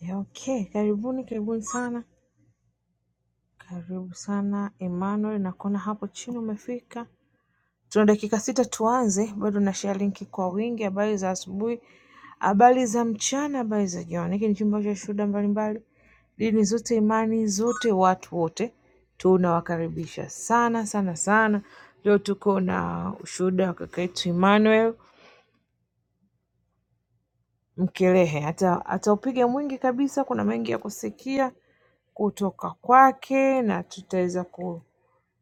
Ya, Okay, karibuni karibuni sana, karibu sana Emmanuel, nakuona hapo chini umefika. Tuna dakika sita tuanze, bado na share linki kwa wingi. Habari za asubuhi, habari za mchana, habari za jioni. Hiki ni chumba cha shuhuda mbalimbali, dini zote, imani zote, watu wote tunawakaribisha sana sana sana. Leo tuko na ushuhuda wa kaka yetu Emmanuel Mkelehe, hata ataupiga mwingi kabisa, kuna mengi ya kusikia kutoka kwake na tutaweza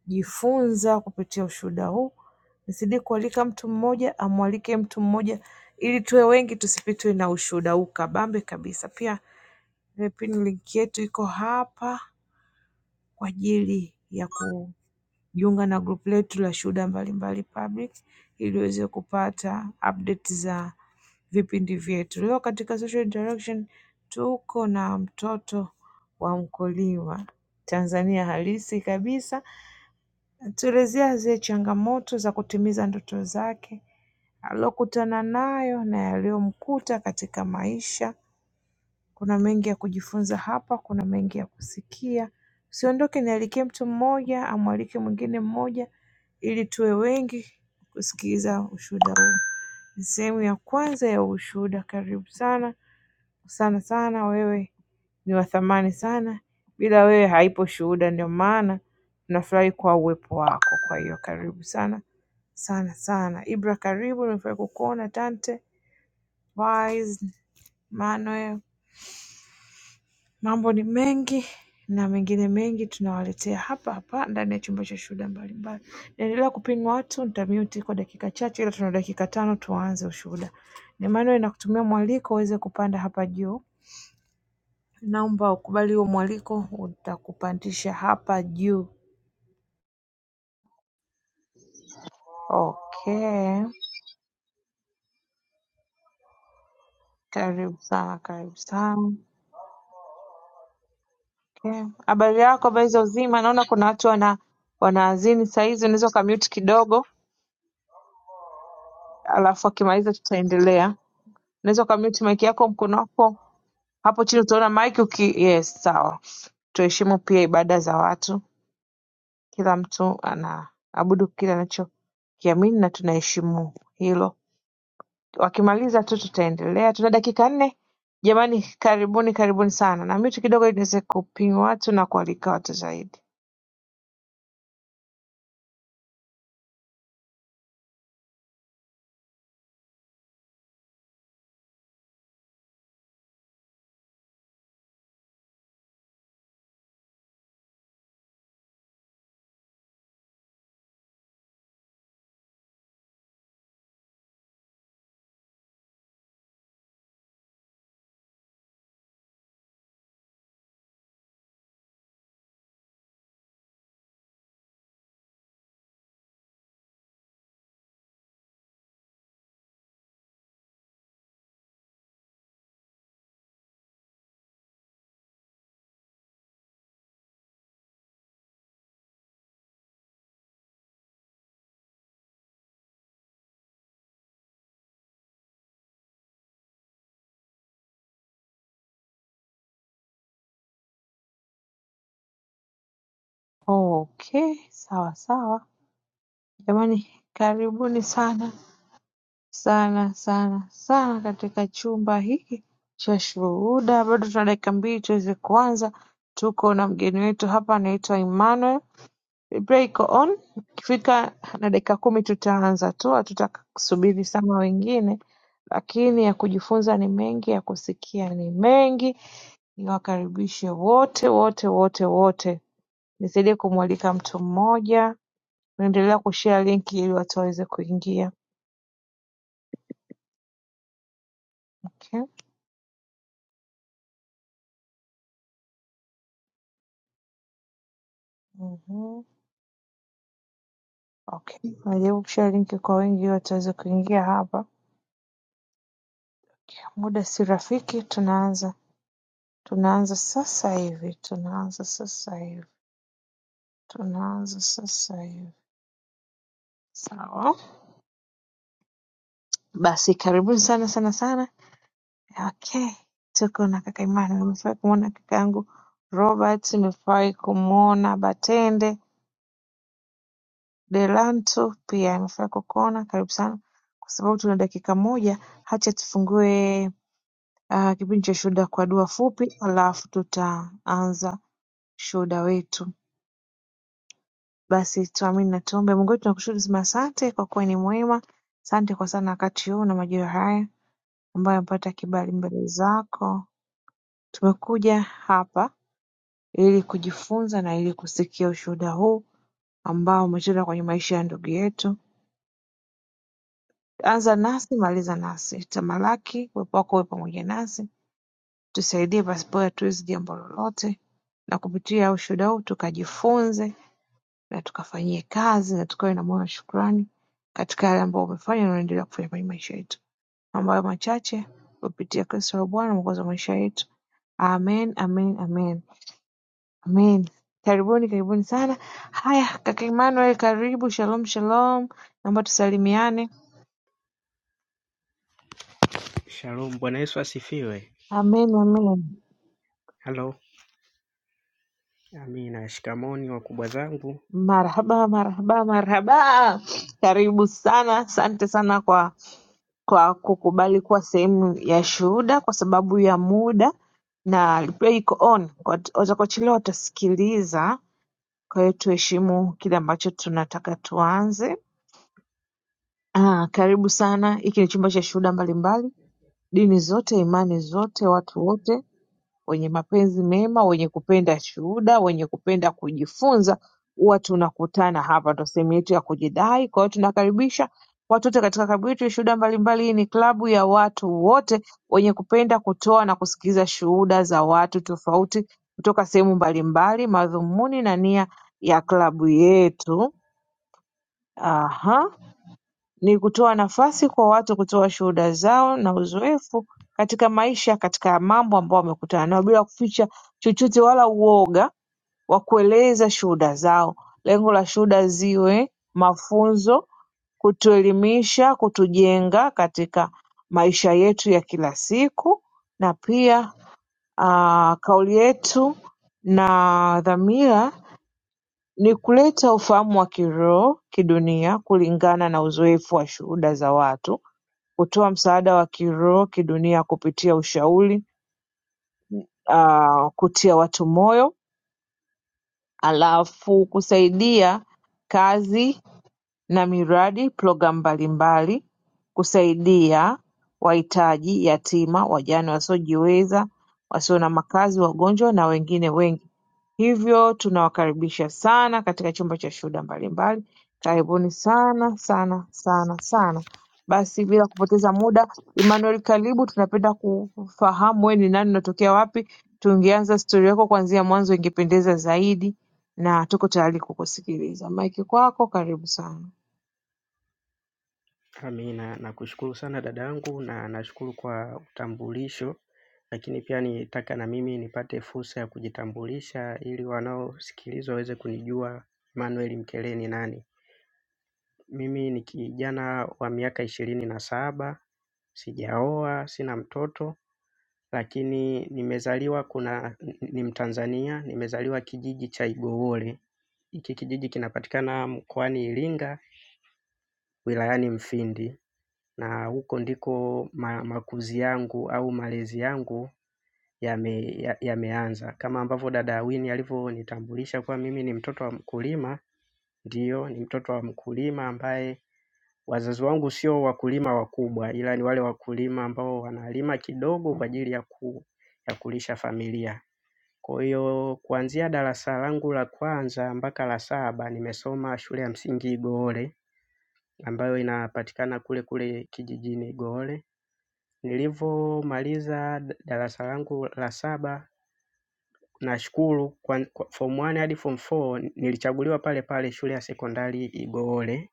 kujifunza kupitia ushuhuda huu. Nizidi kualika mtu mmoja, amwalike mtu mmoja ili tuwe wengi, tusipitwe na ushuhuda huu kabambe kabisa. Pia ile pin link yetu iko hapa kwa ajili ya kujiunga na grupu letu la shuhuda mbalimbali public ili uweze kupata update za vipindi vyetu. Leo katika social interaction tuko na mtoto wa mkulima Tanzania halisi kabisa, tuelezea zile changamoto za kutimiza ndoto zake alokutana nayo na yaliyomkuta katika maisha kuna mengi ya kujifunza hapa, kuna mengi ya kusikia. Usiondoke, nialike mtu mmoja, amwalike mwingine mmoja, ili tuwe wengi kusikiliza ushuhuda huu. Ni sehemu ya kwanza ya ushuhuda. Karibu sana sana sana, wewe ni wa thamani sana. Bila wewe haipo shuhuda, ndio maana tunafurahi kwa uwepo wako. Kwa hiyo karibu sana sana sana. Ibra, karibu. Nimefurahi kukuona tante Wise Manuel. Mambo ni mengi na mengine mengi tunawaletea hapa hapa ndani ya chumba cha shuhuda mbalimbali. Naendelea kupingwa watu, nitamute kwa dakika chache, ila tuna dakika tano tuanze ushuhuda. Emmanuel, nakutumia mwaliko uweze kupanda hapa juu. Naomba ukubali huo mwaliko, utakupandisha hapa juu. Okay, karibu sana, karibu sana. Okay, habari yako, habari za uzima? Naona kuna watu wana wanaazini saa hizi, unaweza ukamute kidogo, alafu akimaliza tutaendelea. unaweza ukamute mic yako mkono wako hapo chini utaona mic uki yes sawa tuheshimu pia ibada za watu kila mtu anaabudu kile anachokiamini na tunaheshimu hilo wakimaliza tu tutaendelea tuna dakika nne jamani karibuni karibuni sana na mitu kidogo ili niweze kupima watu na kualika watu zaidi okay sawa sawa jamani karibuni sana sana sana sana katika chumba hiki cha shuhuda bado tuna dakika mbili tuweze kuanza tuko na mgeni wetu hapa anaitwa emmanuel break on ikifika na dakika kumi tutaanza tu hatutasubiri sana wengine lakini ya kujifunza ni mengi ya kusikia ni mengi niwakaribishe wote wote wote wote nisaidie kumwalika mtu mmoja naendelea kushare linki ili watu waweze kuingia okay. Mhm. okay najaribu kushare linki kwa wengi ili wataweza kuingia hapa muda si rafiki tunaanza tunaanza sasa hivi tunaanza sasa hivi tunaanza sasa hivi sawa basi karibuni sana sana sana okay tuko na kaka imani nimefurahi kumwona kaka yangu robert nimefurahi kumwona batende delanto pia nimefurahi kukuona karibu sana kwa sababu tuna dakika moja hacha tufungue ah, kipindi cha shuhuda kwa dua fupi alafu tutaanza shuhuda wetu basi tuamini na tuombe mungu wetu tunakushukuru sema asante kwa kuwa ni mwema asante kwa sana wakati huu na majira haya ambayo amepata kibali mbele zako tumekuja hapa ili kujifunza na ili kusikia ushuhuda huu ambao umetenda kwenye maisha ya ndugu yetu anza nasi maliza nasi tamalaki uwepo wako uwe pamoja nasi tusaidie pasipo ya tuizi jambo lolote na kupitia ushuhuda huu tukajifunze na tukafanyie kazi na tukawe na moyo wa shukrani katika yale ambayo umefanya na unaendelea kufanya kwenye maisha yetu. Ambayo machache kupitia Kristo wa Bwana mwokozi wa maisha yetu. Amen, amen, amen. Amen. Karibuni, karibuni sana. Haya, kaka Emmanuel karibu. Shalom, shalom. Naomba tusalimiane. Shalom, Bwana Yesu asifiwe. Amen, amen. Halo, amina. Shikamoni wakubwa zangu, Marhaba, marhaba, marhaba. Karibu sana. Asante sana kwa kwa kukubali kuwa sehemu ya shuhuda kwa sababu ya muda na replay iko on Kwa- watakaochelewa watasikiliza kwa hiyo tuheshimu kile ambacho tunataka tuanze ah, karibu sana hiki ni chumba cha shuhuda mbalimbali dini zote imani zote watu wote wenye mapenzi mema wenye kupenda shuhuda wenye kupenda kujifunza huwa tunakutana hapa ndo sehemu yetu ya kujidai kwa hiyo tunakaribisha watu wote katika klabu yetu ya shuhuda mbalimbali hii ni klabu ya watu wote wenye kupenda kutoa na kusikiliza shuhuda za watu tofauti kutoka sehemu mbalimbali madhumuni na nia ya klabu yetu Aha ni kutoa nafasi kwa watu kutoa shuhuda zao na uzoefu katika maisha katika mambo ambayo wamekutana nayo bila kuficha chochote wala uoga wa kueleza shuhuda zao. Lengo la shuhuda ziwe mafunzo, kutuelimisha, kutujenga katika maisha yetu ya kila siku na pia ah, kauli yetu na dhamira ni kuleta ufahamu wa kiroho, kidunia kulingana na uzoefu wa shuhuda za watu kutoa msaada wa kiroho kidunia kupitia ushauri uh, kutia watu moyo alafu kusaidia kazi na miradi programu mbalimbali kusaidia wahitaji yatima wajane wasiojiweza wasio na makazi wagonjwa na wengine wengi hivyo tunawakaribisha sana katika chumba cha shuhuda mbalimbali karibuni sana sana sana sana basi bila kupoteza muda Emmanuel karibu tunapenda kufahamu wewe ni nani unatokea wapi tungeanza stori yako kuanzia mwanzo ingependeza zaidi na tuko tayari kukusikiliza maiki kwako karibu sana amina. Nakushukuru sana dada yangu na nashukuru kwa utambulisho, lakini pia nitaka na mimi nipate fursa ya kujitambulisha ili wanaosikiliza waweze kunijua Emmanuel Mkele ni nani. Mimi ni kijana wa miaka ishirini na saba, sijaoa, sina mtoto Lakini nimezaliwa kuna ni mtanzania, nimezaliwa kijiji cha Igowole. Hiki kijiji kinapatikana mkoani Iringa, wilayani Mfindi. Na huko ndiko ma, makuzi yangu au malezi yangu yameanza. Ya, ya Kama ambavyo dada Awini alivyonitambulisha kuwa mimi ni mtoto wa mkulima, ndiyo ni mtoto wa mkulima ambaye wazazi wangu sio wakulima wakubwa ila ni wale wakulima ambao wanalima kidogo kwa ajili ya ku, ya kulisha familia. Kwa hiyo kuanzia darasa langu la kwanza mpaka la saba nimesoma shule ya msingi Igoole ambayo inapatikana kule kule kijijini Igoole. Nilivyomaliza darasa langu la saba nashukuru kwa, kwa form one hadi form four nilichaguliwa pale pale shule ya sekondari Igoole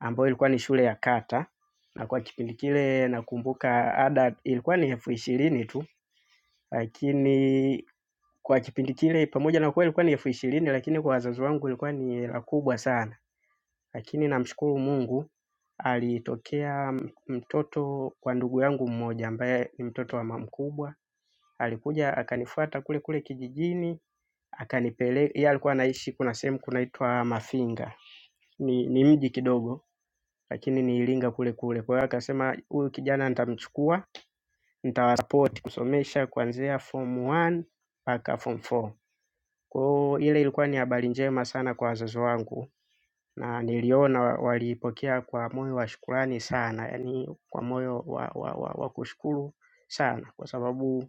ambayo ilikuwa ni shule ya kata na kwa kipindi kile nakumbuka ada ilikuwa ni elfu ishirini tu. Lakini kwa kipindi kile pamoja na kuwa ilikuwa ni elfu ishirini lakini kwa wazazi wangu ilikuwa ni hela kubwa sana. Lakini namshukuru Mungu alitokea mtoto wa ndugu yangu mmoja ambaye ni mtoto wa mama mkubwa. Alikuja akanifuata kule kule kijijini akanipeleka yeye alikuwa anaishi kuna sehemu kunaitwa Mafinga. Ni, ni mji kidogo lakini ni Iringa kule kule. Kwa hiyo akasema huyu kijana nitamchukua, nitawasapoti kusomesha kuanzia form 1 mpaka form 4. Kwa hiyo ile ilikuwa ni habari njema sana kwa wazazi wangu na niliona waliipokea kwa moyo wa shukrani sana, yaani kwa moyo wa wa wa wa kushukuru sana kwa sababu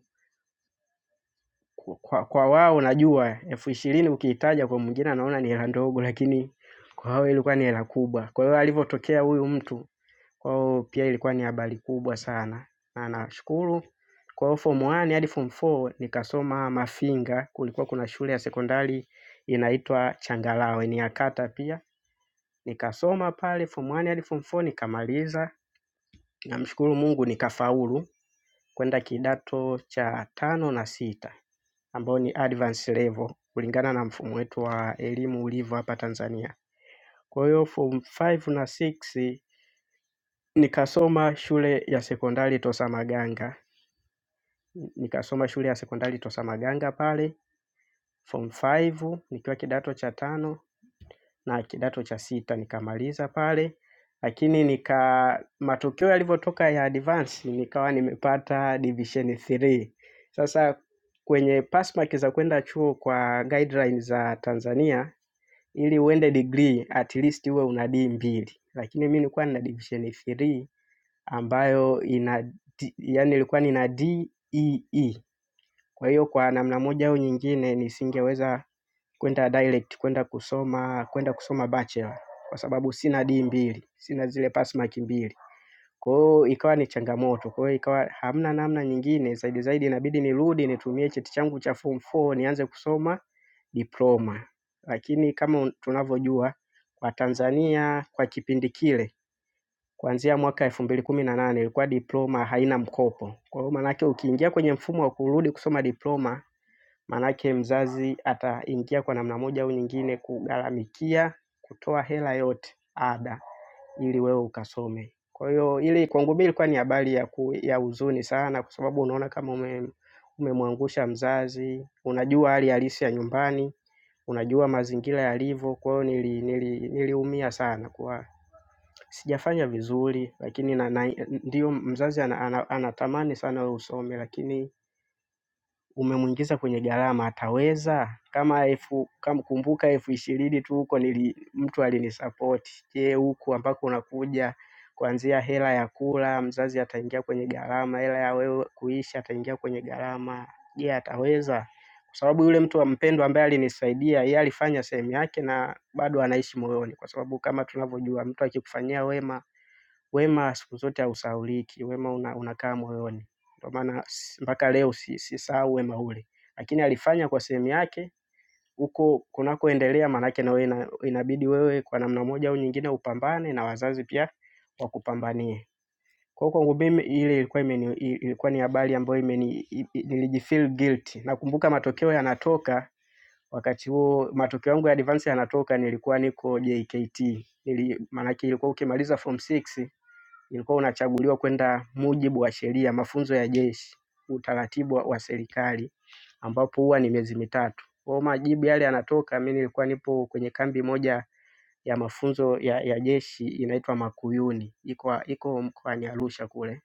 kwa kwa wao najua elfu ishirini ukiitaja kwa mwingine anaona ni hela ndogo lakini kwa hao ilikuwa ni hela kubwa. Kwa hiyo alivyotokea huyu mtu kwa hiyo pia ilikuwa ni habari kubwa sana na nashukuru. Kwa hiyo form one hadi form four nikasoma Mafinga kulikuwa kuna shule ya sekondari inaitwa Changalawe ni ya kata pia. Nikasoma pale form one hadi form four nikamaliza namshukuru Mungu nikafaulu kwenda kidato cha tano na sita ambao ni advance level kulingana na mfumo wetu wa elimu ulivyo hapa Tanzania. Kwa hiyo form five na six nikasoma shule ya sekondari Tosamaganga. Nikasoma shule ya sekondari Tosamaganga pale, form five, nikiwa kidato cha tano na kidato cha sita nikamaliza pale. Lakini nika matokeo yalivyotoka ya advance nikawa nimepata division three. Sasa kwenye pass mark za kwenda chuo kwa guidelines za Tanzania ili uende degree at least uwe una D mbili, lakini mimi nilikuwa nina division three ambayo ina D, yani nilikuwa nina DEE. Kwa hiyo kwa namna moja au nyingine nisingeweza kwenda direct kwenda kusoma kwenda kusoma bachelor kwa sababu sina D mbili, sina zile pass mark mbili. Kwa hiyo ikawa ni changamoto, kwa hiyo ikawa hamna namna nyingine zaidi zaidi inabidi nirudi nitumie cheti changu cha form four nianze kusoma diploma. Lakini kama tunavyojua kwa Tanzania kwa kipindi kile kuanzia mwaka elfu mbili kumi na nane ilikuwa diploma haina mkopo. Kwa hiyo maanake ukiingia kwenye mfumo wa kurudi kusoma diploma Maanake mzazi ataingia kwa namna moja au nyingine kugharamikia kutoa hela yote ada ili wewe ukasome. Kwa hiyo ile kwangu mimi ilikuwa ni habari ya ku, ya huzuni sana kwa sababu unaona kama ume umemwangusha mzazi, unajua hali halisi ya nyumbani, unajua mazingira yalivyo. Kwa hiyo nili nili niliumia sana kwa sijafanya vizuri lakini na na ndiyo mzazi anatamani ana ana anatamani sana wewe usome lakini umemwingiza kwenye gharama ataweza? Kama elfu kama kumbuka elfu ishirini tu huko nili mtu alinisapoti. Je, huku ambako unakuja kuanzia hela ya kula mzazi ataingia kwenye gharama, hela ya wewe kuishi ataingia kwenye gharama. Je, ataweza? Kwa sababu yule mtu wa mpendwa ambaye alinisaidia yeye alifanya sehemu yake na bado anaishi moyoni, kwa sababu kama tunavyojua mtu akikufanyia wema Wema siku zote hausahauliki, wema una, unakaa moyoni. Ndio maana s- mpaka leo si- sisahau wema ule, lakini alifanya kwa sehemu yake huko kunakoendelea, maanake na wewe ina, inabidi wewe kwa namna moja au nyingine upambane na wazazi pia wakupambanie. Kwa hiyo kwangu mimi ile ilikuwa imeni, ilikuwa ni habari ambayo imeni, i- i- nilijifeel guilty. Nakumbuka matokeo yanatoka wakati huo, matokeo yangu ya advance yanatoka, nilikuwa niko JKT nili, maanake ilikuwa ukimaliza form 6 Ilikuwa unachaguliwa kwenda mujibu wa sheria, mafunzo ya jeshi, utaratibu wa wa serikali ambapo huwa ni miezi mitatu. Kwa hiyo majibu yale yanatoka, mimi nilikuwa nipo kwenye kambi moja ya mafunzo ya, ya jeshi inaitwa Makuyuni, iko iko mkoani Arusha kule.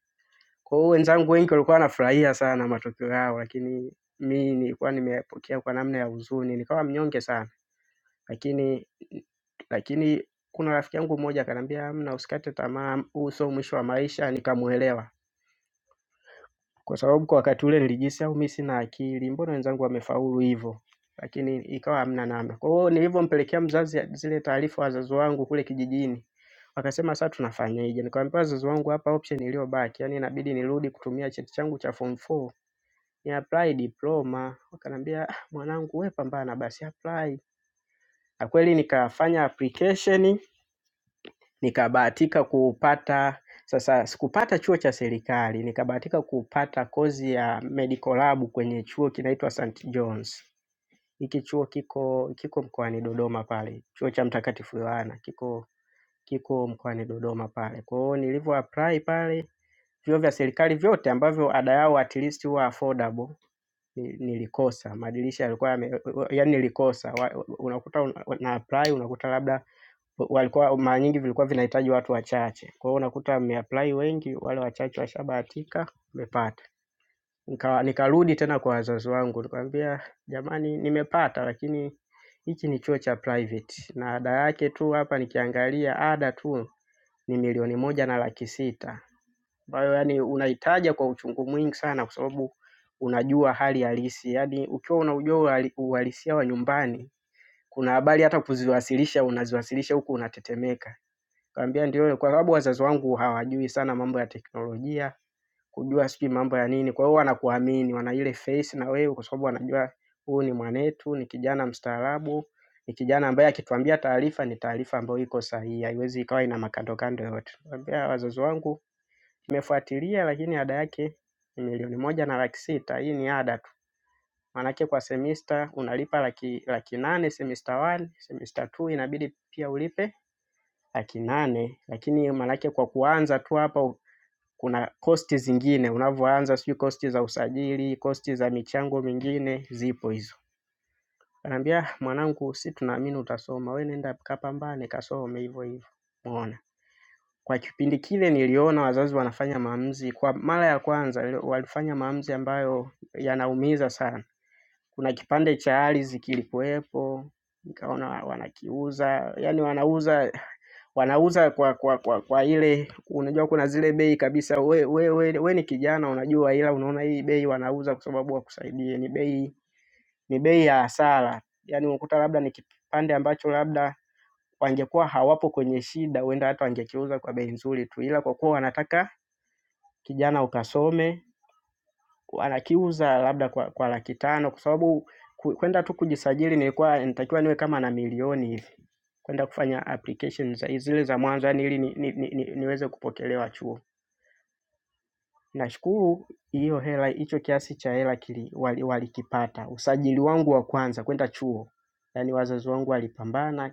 Kwa hiyo wenzangu wengi walikuwa wanafurahia sana matokeo yao, lakini mimi nilikuwa nimepokea kwa namna ya huzuni, nikawa mnyonge sana. Lakini lakini kuna rafiki yangu mmoja akaniambia hamna, usikate tamaa, huu sio mwisho wa maisha. Nikamuelewa kwa sababu kwa wakati ule nilijihisi au mimi sina akili, mbona wenzangu wamefaulu hivyo? Lakini ikawa hamna namna. Kwa hiyo nilivyompelekea mzazi zile taarifa wazazi wangu kule kijijini, wakasema sasa tunafanyaje? Nikamwambia wazazi wangu, hapa option iliyobaki, yani inabidi nirudi kutumia cheti changu cha form 4 ni apply diploma. Wakaniambia "Ah, mwanangu, we pambana basi, apply. Na kweli nikafanya application nikabahatika kupata sasa sikupata chuo cha serikali nikabahatika kupata kozi ya medical lab kwenye chuo kinaitwa St. John's hiki chuo kiko kiko mkoani Dodoma pale chuo cha mtakatifu Yohana kiko kiko mkoani Dodoma pale kwa hiyo nilivyo apply pale vyuo vya serikali vyote ambavyo ada yao at least huwa affordable ni- nilikosa madirisha yalikuwa yame, yani nilikosa Wa- unakuta una una apply unakuta labda walikuwa mara nyingi vilikuwa vinahitaji watu wachache. Kwa hiyo unakuta wameapply wengi, wale wachache washabahatika wamepata. Nika, nikarudi tena kwa wazazi wangu nikamwambia, jamani, nimepata lakini hichi ni chuo cha private na ada yake tu hapa nikiangalia ada tu ni milioni moja na laki sita ambayo yani unaitaja kwa uchungu mwingi sana, kwa sababu unajua hali halisi. Yani ukiwa unaujua uhali- uhalisia wa nyumbani, kuna habari hata kuziwasilisha unaziwasilisha huku unatetemeka. Nikamwambia ndio kwa sababu wazazi wangu hawajui sana mambo ya teknolojia, kujua sijui mambo ya nini. Kwa hiyo wanakuamini, wana ile faith na wewe kwa sababu wanajua huyu ni mwanetu, ni kijana mstaarabu, ni kijana ambaye akituambia taarifa ni taarifa ambayo iko sahihi, haiwezi ikawa ina makandokando yoyote. Nikamwambia wazazi wangu nimefuatilia lakini ada yake ni milioni moja na laki sita. Hii ni ada tu. Maanake kwa semester unalipa laki, laki nane semester 1, semester 2 inabidi pia ulipe laki nane lakini maanake kwa kuanza tu hapa kuna kosti zingine unavyoanza, sijui kosti za usajili, kosti za michango mingine zipo hizo. Anambia mwanangu, si tunaamini utasoma, we nenda kapambane, kasome hivyo hivyo. Umeona, kwa kipindi kile niliona wazazi wanafanya maamuzi kwa mara ya kwanza, ile- walifanya maamuzi ambayo yanaumiza sana. Kuna kipande cha ardhi kilikuwepo, nikaona wanakiuza, yani wanauza wanauza kwa kwa kwa, kwa ile unajua kuna zile bei kabisa we, we, we, we ni kijana unajua ila unaona hii bei wanauza kwa sababu wakusaidie ni bei ni bei ya hasara yaani unakuta labda ni kipande ambacho labda wangekuwa hawapo kwenye shida huenda hata wangekiuza kwa bei nzuri tu ila kwa kuwa wanataka kijana ukasome anakiuza labda kwa, kwa laki tano kwa sababu ku- kwenda tu kujisajili nilikuwa nitakiwa niwe kama na milioni hivi kwenda kufanya application za zile za mwanzo yani ili ni, ni, ni, ni, niweze kupokelewa chuo. Nashukuru hiyo hela hicho kiasi cha hela kili walikipata. wali Usajili wangu wa kwanza kuenda chuo. Yaani wazazi wangu walipambana,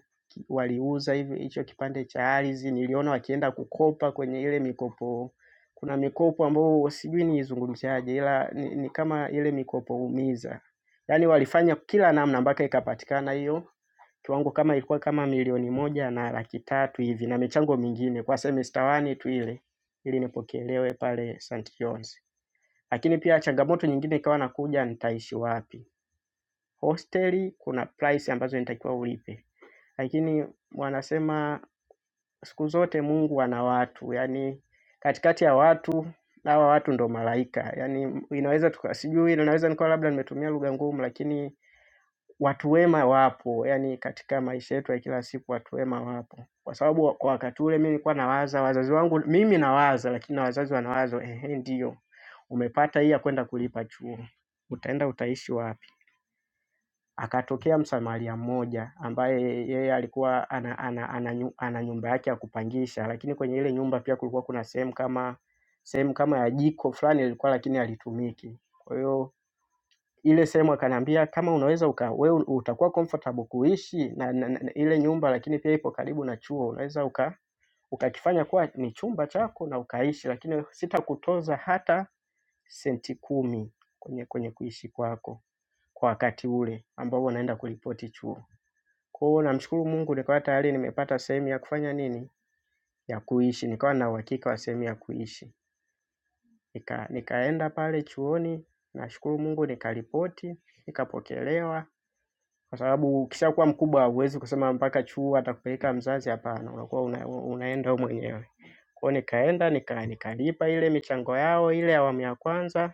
waliuza hivyo hicho kipande cha ardhi, niliona wakienda kukopa kwenye ile mikopo. Kuna mikopo ambayo sijui niizungumziaje ila ni ni kama ile mikopo umiza. Yaani walifanya kila namna mpaka ikapatikana hiyo kiwango kama ilikuwa kama milioni moja na laki tatu hivi na michango mingine kwa semester wani tu ile ili nipokelewe pale St. John's. Lakini pia changamoto nyingine ikawa nakuja, nitaishi wapi? Hosteli kuna price ambazo nitakiwa ulipe, lakini wanasema siku zote Mungu ana watu, yaani katikati ya watu hawa watu ndo malaika, yaani inaweza tuka sijui, inaweza nikawa labda nimetumia lugha ngumu, lakini Watu wema wapo, yaani katika maisha yetu ya kila siku watu wema wapo. Kwa sababu kwa wakati ule mimi nilikuwa nawaza wazazi wangu, mimi nawaza lakini na wazazi wanawaza, ehe ndiyo, umepata hii ya kwenda kulipa chuo. Utaenda utaishi wapi? Akatokea msamaria mmoja ambaye yeye alikuwa ana, ana, ana, nyu- ana nyumba yake ya kupangisha, lakini kwenye ile nyumba pia kulikuwa kuna sehemu kama sehemu kama ya jiko fulani ilikuwa lakini halitumiki. Kwa hiyo ile sehemu akaniambia kama unaweza uka, wewe utakuwa comfortable kuishi na, na, na ile nyumba, lakini pia ipo karibu na chuo, unaweza uka ukakifanya kuwa ni chumba chako na ukaishi, lakini sitakutoza hata senti kumi kwenye kwenye kuishi kwako kwa wakati ule ambao unaenda kuripoti chuo. Kwa hiyo namshukuru Mungu, nikawa tayari nimepata sehemu ya kufanya nini, ya kuishi, nikawa na uhakika wa sehemu ya kuishi. Nika, nikaenda pale chuoni, nashukuru Mungu, nikaripoti, nikapokelewa Kwa sababu ukishakuwa mkubwa huwezi kusema mpaka chuo atakupeleka mzazi hapana, unakuwa una, unaenda wewe mwenyewe. Kwa hiyo nikaenda nika, nikalipa ile michango yao ile awamu ya kwanza,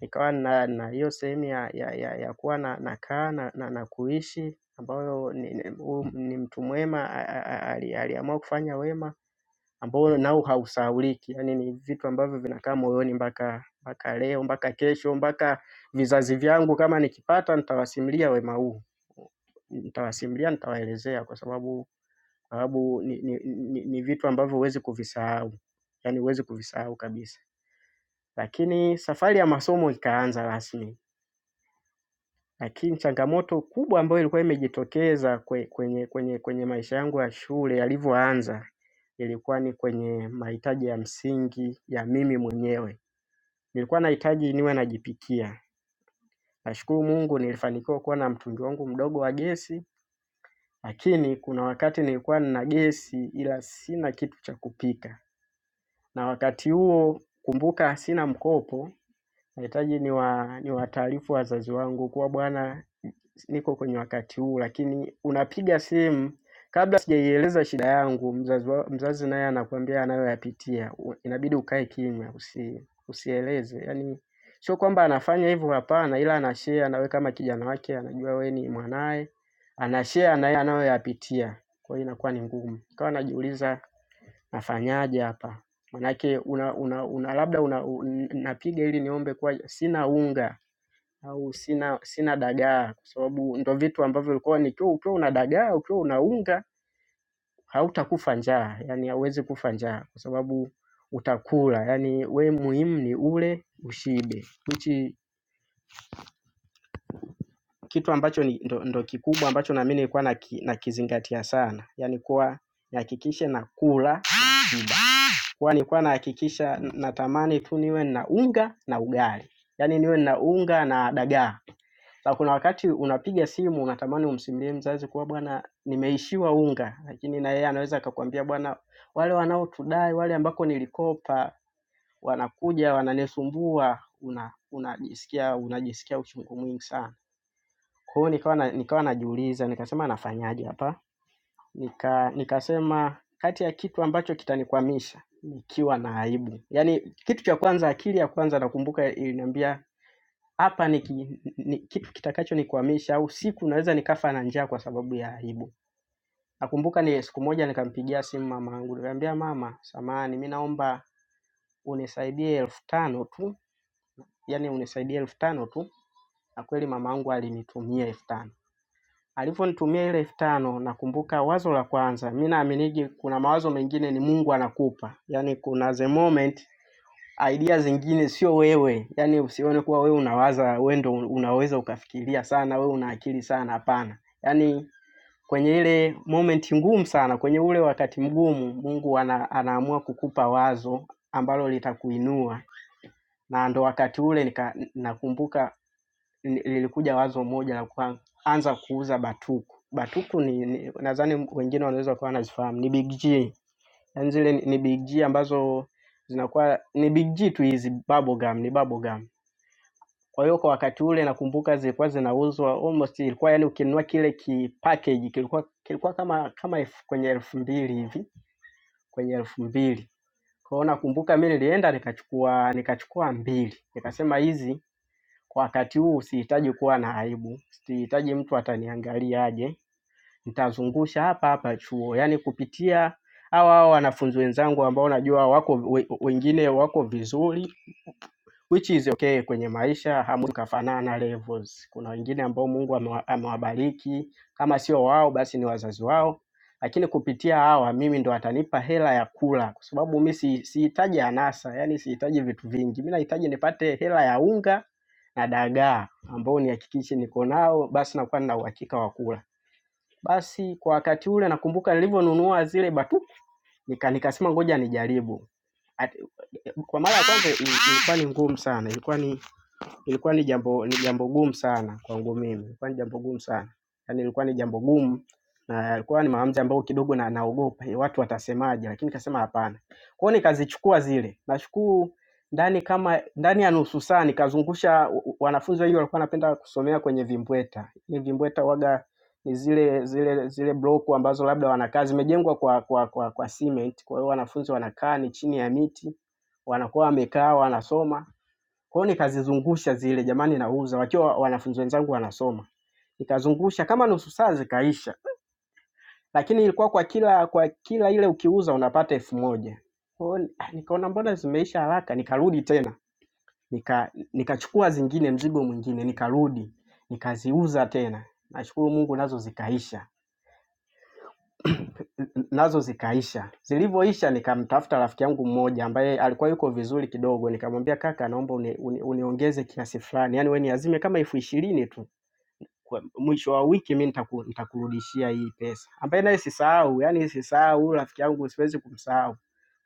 nikawa na na hiyo sehemu ya, ya, ya, ya kuwa na nakaa na, na, na kuishi ambayo ni, ni, huu ni mtu mwema a- a- a- ali- aliamua kufanya wema ambao nao hausahauliki, yaani ni vitu ambavyo vinakaa moyoni mpaka mpaka leo mpaka kesho mpaka vizazi vyangu, kama nikipata nitawasimulia wema huu, nitawasimulia, nitawaelezea kwa sababu sababu ni, ni, ni, ni vitu ambavyo huwezi kuvisahau, yaani huwezi kuvisahau kabisa. Lakini safari ya masomo ikaanza rasmi, lakini changamoto kubwa ambayo ilikuwa imejitokeza kwe- kwenye kwenye kwenye maisha yangu ya shule yalivyoanza ilikuwa ni kwenye mahitaji ya msingi ya mimi mwenyewe. Nilikuwa nahitaji niwe najipikia. Nashukuru mungu nilifanikiwa kuwa na mtungi wangu mdogo wa gesi. Lakini kuna wakati nilikuwa nina gesi ila sina kitu cha kupika. Na wakati huo kumbuka sina mkopo nahitaji niwa niwataarifu wazazi wangu kuwa bwana niko kwenye wakati huu, lakini unapiga simu kabla sijaieleza shida yangu, mzazi wa, mzazi naye anakuambia anayoyapitia. U- Inabidi ukae kimya, usi, usieleze. Yani sio kwamba anafanya hivyo, hapana, ila anashare, nawe kama kijana wake anajua we ni mwanaye, anashare naye anayoyapitia. Kwa hiyo inakuwa ni ngumu, kawa najiuliza nafanyaje hapa, manake una, una, una labda una, un- napiga ili niombe kuwa sina unga au sina sina dagaa kwa sababu ndo vitu ambavyo ulikuwa nikiwa ukiwa una dagaa ukiwa una unga hautakufa njaa yani hauwezi kufa njaa kwa sababu utakula yani we muhimu ni ule ushibe hichi kitu ambacho ni, ndo, ndo kikubwa ambacho nami nilikuwa naki- nakizingatia sana yani kuwa nihakikishe nakula shiba kuwa nilikuwa nahakikisha natamani tu niwe na unga na ugali yani niwe na unga na dagaa Sa kuna wakati unapiga simu unatamani umsimulie mzazi kuwa bwana nimeishiwa unga, lakini na yeye anaweza akakwambia bwana wale wanaotudai, wale ambako nilikopa wanakuja wananisumbua, una unajisikia unajisikia uchungu mwingi sana. Kwa hiyo nikawa na, nikawa najiuliza nikasema nafanyaje hapa? Nika nikasema kati ya kitu ambacho kitanikwamisha nikiwa na aibu. Yaani kitu cha kwanza akili ya kwanza nakumbuka iliniambia hapa ni, ki, ni kitu kitakacho nikwamisha au siku naweza nikafa na njaa kwa sababu ya aibu. Nakumbuka ni siku moja nikampigia simu mamangu, nikamwambia mama, samahani, mi naomba unisaidie elfu tano tu, yani unisaidie elfu tano tu, na kweli mamangu alinitumia elfu tano alivyonitumia ile elfu tano nakumbuka wazo la kwanza, mi naaminigi kuna mawazo mengine ni Mungu anakupa, yani kuna the moment idea zingine sio wewe, yaani usione kuwa wewe unawaza, wewe ndo unaweza ukafikiria sana, wewe una akili sana. Hapana, yaani kwenye ile moment ngumu sana, kwenye ule wakati mgumu, Mungu ana, anaamua kukupa wazo ambalo litakuinua, na ndo wakati ule nika, nakumbuka ni- lilikuja wazo moja la kuanza kuuza batuku. Batuku ni, ni nadhani wengine wanaweza kuwa wanazifahamu, ni big G Yaani zile ni ni big G ambazo zinakuwa ni big G tu hizi bubble gum, ni bubble gum. Kwa hiyo kwa wakati ule nakumbuka zilikuwa zinauzwa almost ilikuwa yani ukinunua kile ki package kilikuwa kilikuwa kama kama elfu, kwenye elfu mbili hivi, kwenye elfu mbili. Kwa hiyo nakumbuka mimi nilienda nikachukua nikachukua mbili. Nikasema hizi kwa wakati huu sihitaji kuwa na aibu, sihitaji mtu ataniangaliaje nitazungusha hapa hapa chuo, yaani kupitia hawa hawa wanafunzi wenzangu ambao najua wako we- wengine wako vizuri which is okay kwenye maisha, hamwezi kufanana levels. Kuna wengine ambao Mungu amewa- amewabariki, kama sio wao basi ni wazazi wao, lakini kupitia hawa mimi ndo atanipa hela ya kula, kwa sababu mi si- sihitaji anasa, yani sihitaji vitu vingi. Mi nahitaji nipate hela ya unga na dagaa ambao nihakikishe niko nao, basi nakuwa nina uhakika wa kula. Basi kwa wakati ule nakumbuka nilivyonunua zile batu nika nikasema ngoja nijaribu. At- Kwa mara ya kwanza ilikuwa ni ngumu sana, ilikuwa ni ilikuwa ni jambo ni jambo gumu sana kwangu mimi, ilikuwa ni jambo gumu sana, yaani ilikuwa ni jambo gumu na ilikuwa ni maamuzi ambayo kidogo na naogopa eh, watu watasemaje, lakini nikasema hapana. Kwa hiyo nikazichukua zile, nashukuru ndani kama ndani ya nusu saa nikazungusha u- u- wanafunzi wengi walikuwa wanapenda kusomea kwenye vimbweta. Ile vimbweta waga ni zile zile zile bloku ambazo labda wanakaa zimejengwa kwa kwa kwa kwa cement, kwa hiyo wanafunzi wanakaa ni chini ya miti, wanakuwa wamekaa wanasoma kwa hiyo nikazizungusha zile, jamani, nauza, wakiwa wanafunzi wenzangu wanasoma, nikazungusha kama nusu saa zikaisha, lakini ilikuwa kwa kila kwa kila ile ukiuza unapata elfu moja. Kwa hiyo ah, nikaona mbona zimeisha haraka, nikarudi tena nika nikachukua zingine, mzigo mwingine, nikarudi nikaziuza tena. Nashukuru Mungu nazo zikaisha, N- n- nazo zikaisha. Zilivyoisha nikamtafuta rafiki yangu mmoja ambaye alikuwa yuko vizuri kidogo, nikamwambia kaka, naomba uni, uni, uniongeze kiasi fulani, yaani wewe niazime kama elfu ishirini tu kwa mwisho wa wiki mi nitaku, nitakurudishia hii pesa, ambaye naye sisahau, yani sisahau rafiki yangu, siwezi kumsahau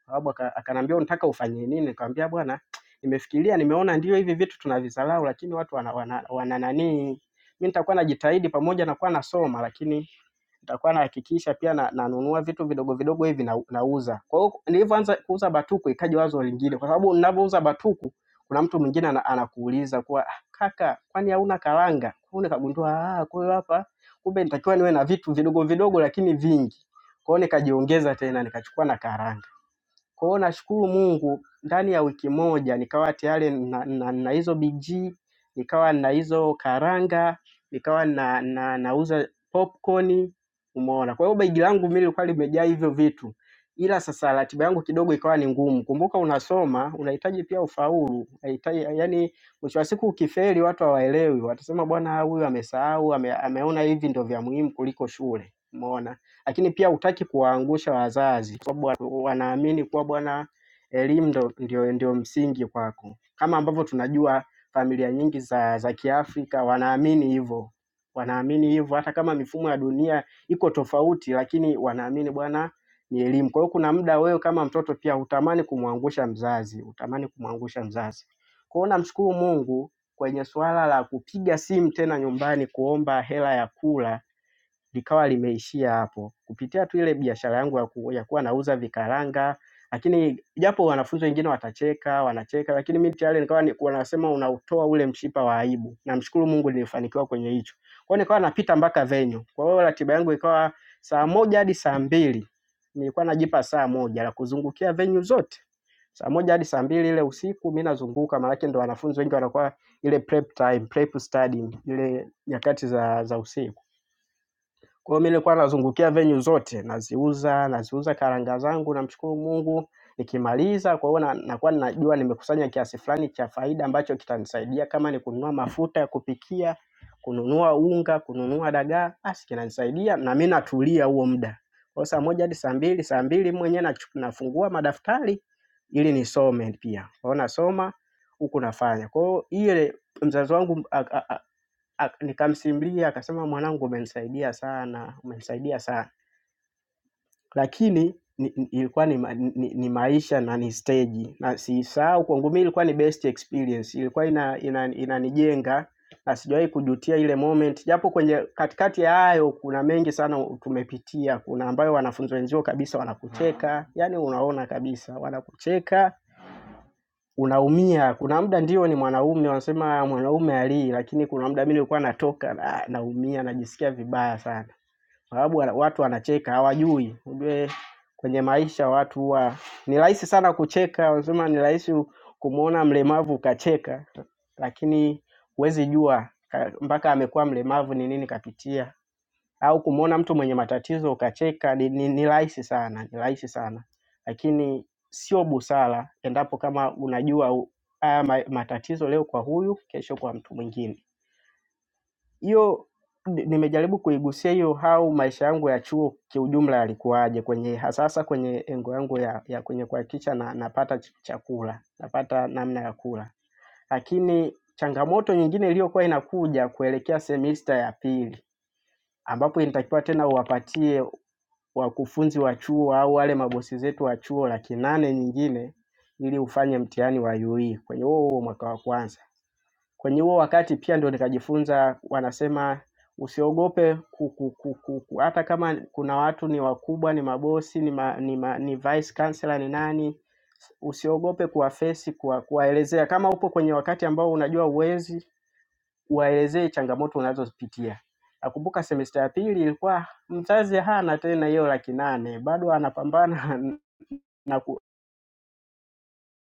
sababu aka- akaniambia unataka ufanye nini? Nikamwambia bwana, nimefikiria nimeona ndio hivi vitu tunavisalau, lakini watu wana, wana, wana nani, mi nitakuwa najitahidi pamoja na kuwa nasoma, lakini nitakuwa nahakikisha pia na, nanunua vitu vidogo vidogo hivi na, nauza. Kwa hiyo nilivyoanza kuuza batuku ikaja wazo lingine, kwa sababu ninavyouza batuku kuna mtu mwingine ana, anakuuliza kuwa "Ah, kaka, kwani hauna karanga? Kwa hiyo nikagundua ah, kwa hiyo hapa kumbe nitakiwa niwe na vitu vidogo vidogo lakini vingi. Kwa hiyo nikajiongeza tena nikachukua na karanga. Kwa hiyo nashukuru Mungu ndani ya wiki moja nikawa tayari na, na, na hizo biji, nikawa na hizo karanga, nikawa na, na, nauza popcorn, umeona. Kwa hiyo begi langu mimi lilikuwa limejaa hivyo vitu. Ila sasa ratiba yangu kidogo ikawa ni ngumu. Kumbuka unasoma, unahitaji pia ufaulu. Unahitaji yani mwisho wa siku ukifeli watu hawaelewi. Watasema bwana huyu amesahau, ame, ameona hivi ndio vya muhimu kuliko shule. Umeona? Lakini pia hutaki kuwaangusha wazazi. Kwa sababu wa- wanaamini kuwa bwana, elimu ndo, ndio, ndio msingi kwako, kama ambavyo tunajua familia nyingi za, za Kiafrika wanaamini hivyo, wanaamini hivyo hata kama mifumo ya dunia iko tofauti, lakini wanaamini bwana ni elimu. Kwa hiyo kuna muda wewe kama mtoto pia utamani kumwangusha mzazi, utamani kumwangusha mzazi. Kwa hiyo namshukuru Mungu kwenye suala la kupiga simu tena nyumbani kuomba hela ya kula likawa limeishia hapo kupitia tu ile biashara yangu ya ku- ya kuwa nauza vikaranga. Lakini japo wanafunzi wengine watacheka, wanacheka, lakini mimi tayari nikawa ni, wanasema unautoa ule mshipa wa aibu. Namshukuru Mungu nilifanikiwa kwenye hicho. Kwa hiyo nikawa napita mpaka venyo. Kwa hiyo ratiba yangu ikawa saa moja hadi saa mbili nilikuwa najipa saa moja la kuzungukia venyu zote saa moja hadi saa mbili ile usiku mi nazunguka, maanake ndo wanafunzi wengi wanakuwa ile prep time, prep studying, ile nyakati za, za usiku. Kwa hiyo mimi nilikuwa nazungukia venue zote, naziuza, naziuza karanga zangu namshukuru Mungu. Nikimaliza kwa hiyo na- nakuwa najua nimekusanya kiasi fulani cha faida ambacho kitanisaidia kama ni kununua mafuta ya kupikia, kununua unga, kununua dagaa, basi kinanisaidia na mimi natulia huo muda. Kwa hiyo saa moja hadi saa mbili, saa mbili mwenyewe nachu- nafungua madaftari ili nisome pia. Kwa hiyo nasoma huku nafanya. Kwa hiyo ile mzazi wangu aka- nikamsimulia akasema mwanangu umenisaidia sana, umenisaidia sana. Lakini ni, ni- ilikuwa ni, ma- ni, ni maisha na ni stage na siisahau kwangu mimi ilikuwa ni best experience. Ilikuwa ina ina, inanijenga ina na sijawahi kujutia ile moment, japo kwenye katikati ya hayo kuna mengi sana tumepitia. Kuna ambayo wanafunzi wenzio kabisa wanakucheka, yani unaona kabisa wanakucheka unaumia. Kuna muda ndio ni mwanaume, wanasema mwanaume halii, lakini kuna muda mimi nilikuwa natoka na, naumia najisikia vibaya sana, kwa sababu wana- watu wanacheka hawajui. Ujue kwenye maisha watu huwa ni rahisi sana kucheka, wanasema ni rahisi kumwona mlemavu ukacheka, lakini huwezi jua ka- mpaka amekuwa mlemavu ni nini kapitia au kumwona mtu mwenye matatizo ukacheka ni, ni, ni rahisi sana, ni rahisi sana, lakini sio busara endapo kama unajua u- haya ma- matatizo leo kwa huyu, kesho kwa mtu mwingine. Hiyo ni- nimejaribu kuigusia hiyo, au maisha yangu ya chuo kiujumla yalikuwaje kwenye hasasa kwenye engo yangu ya, ya kwenye kuhakikisha na, napata ch- chakula napata namna ya kula, lakini changamoto nyingine iliyokuwa inakuja kuelekea semista ya pili ambapo inatakiwa tena uwapatie wakufunzi wa chuo au wale mabosi zetu wa chuo laki nane nyingine ili ufanye mtihani wa UE kwenye huo huo mwaka wa kwanza. Kwenye huo wakati pia ndio nikajifunza, wanasema usiogope ku, ku, ku, ku, ku, hata kama kuna watu ni wakubwa, ni mabosi, ni, ma, ni, ma, ni vice chancellor, ni nani, usiogope kuwafesi, kuwa, kuwaelezea kama upo kwenye wakati ambao unajua uwezi waelezee changamoto unazozipitia. Nakumbuka semesta ya pili ilikuwa mzazi hana tena hiyo laki nane, bado anapambana na, ku,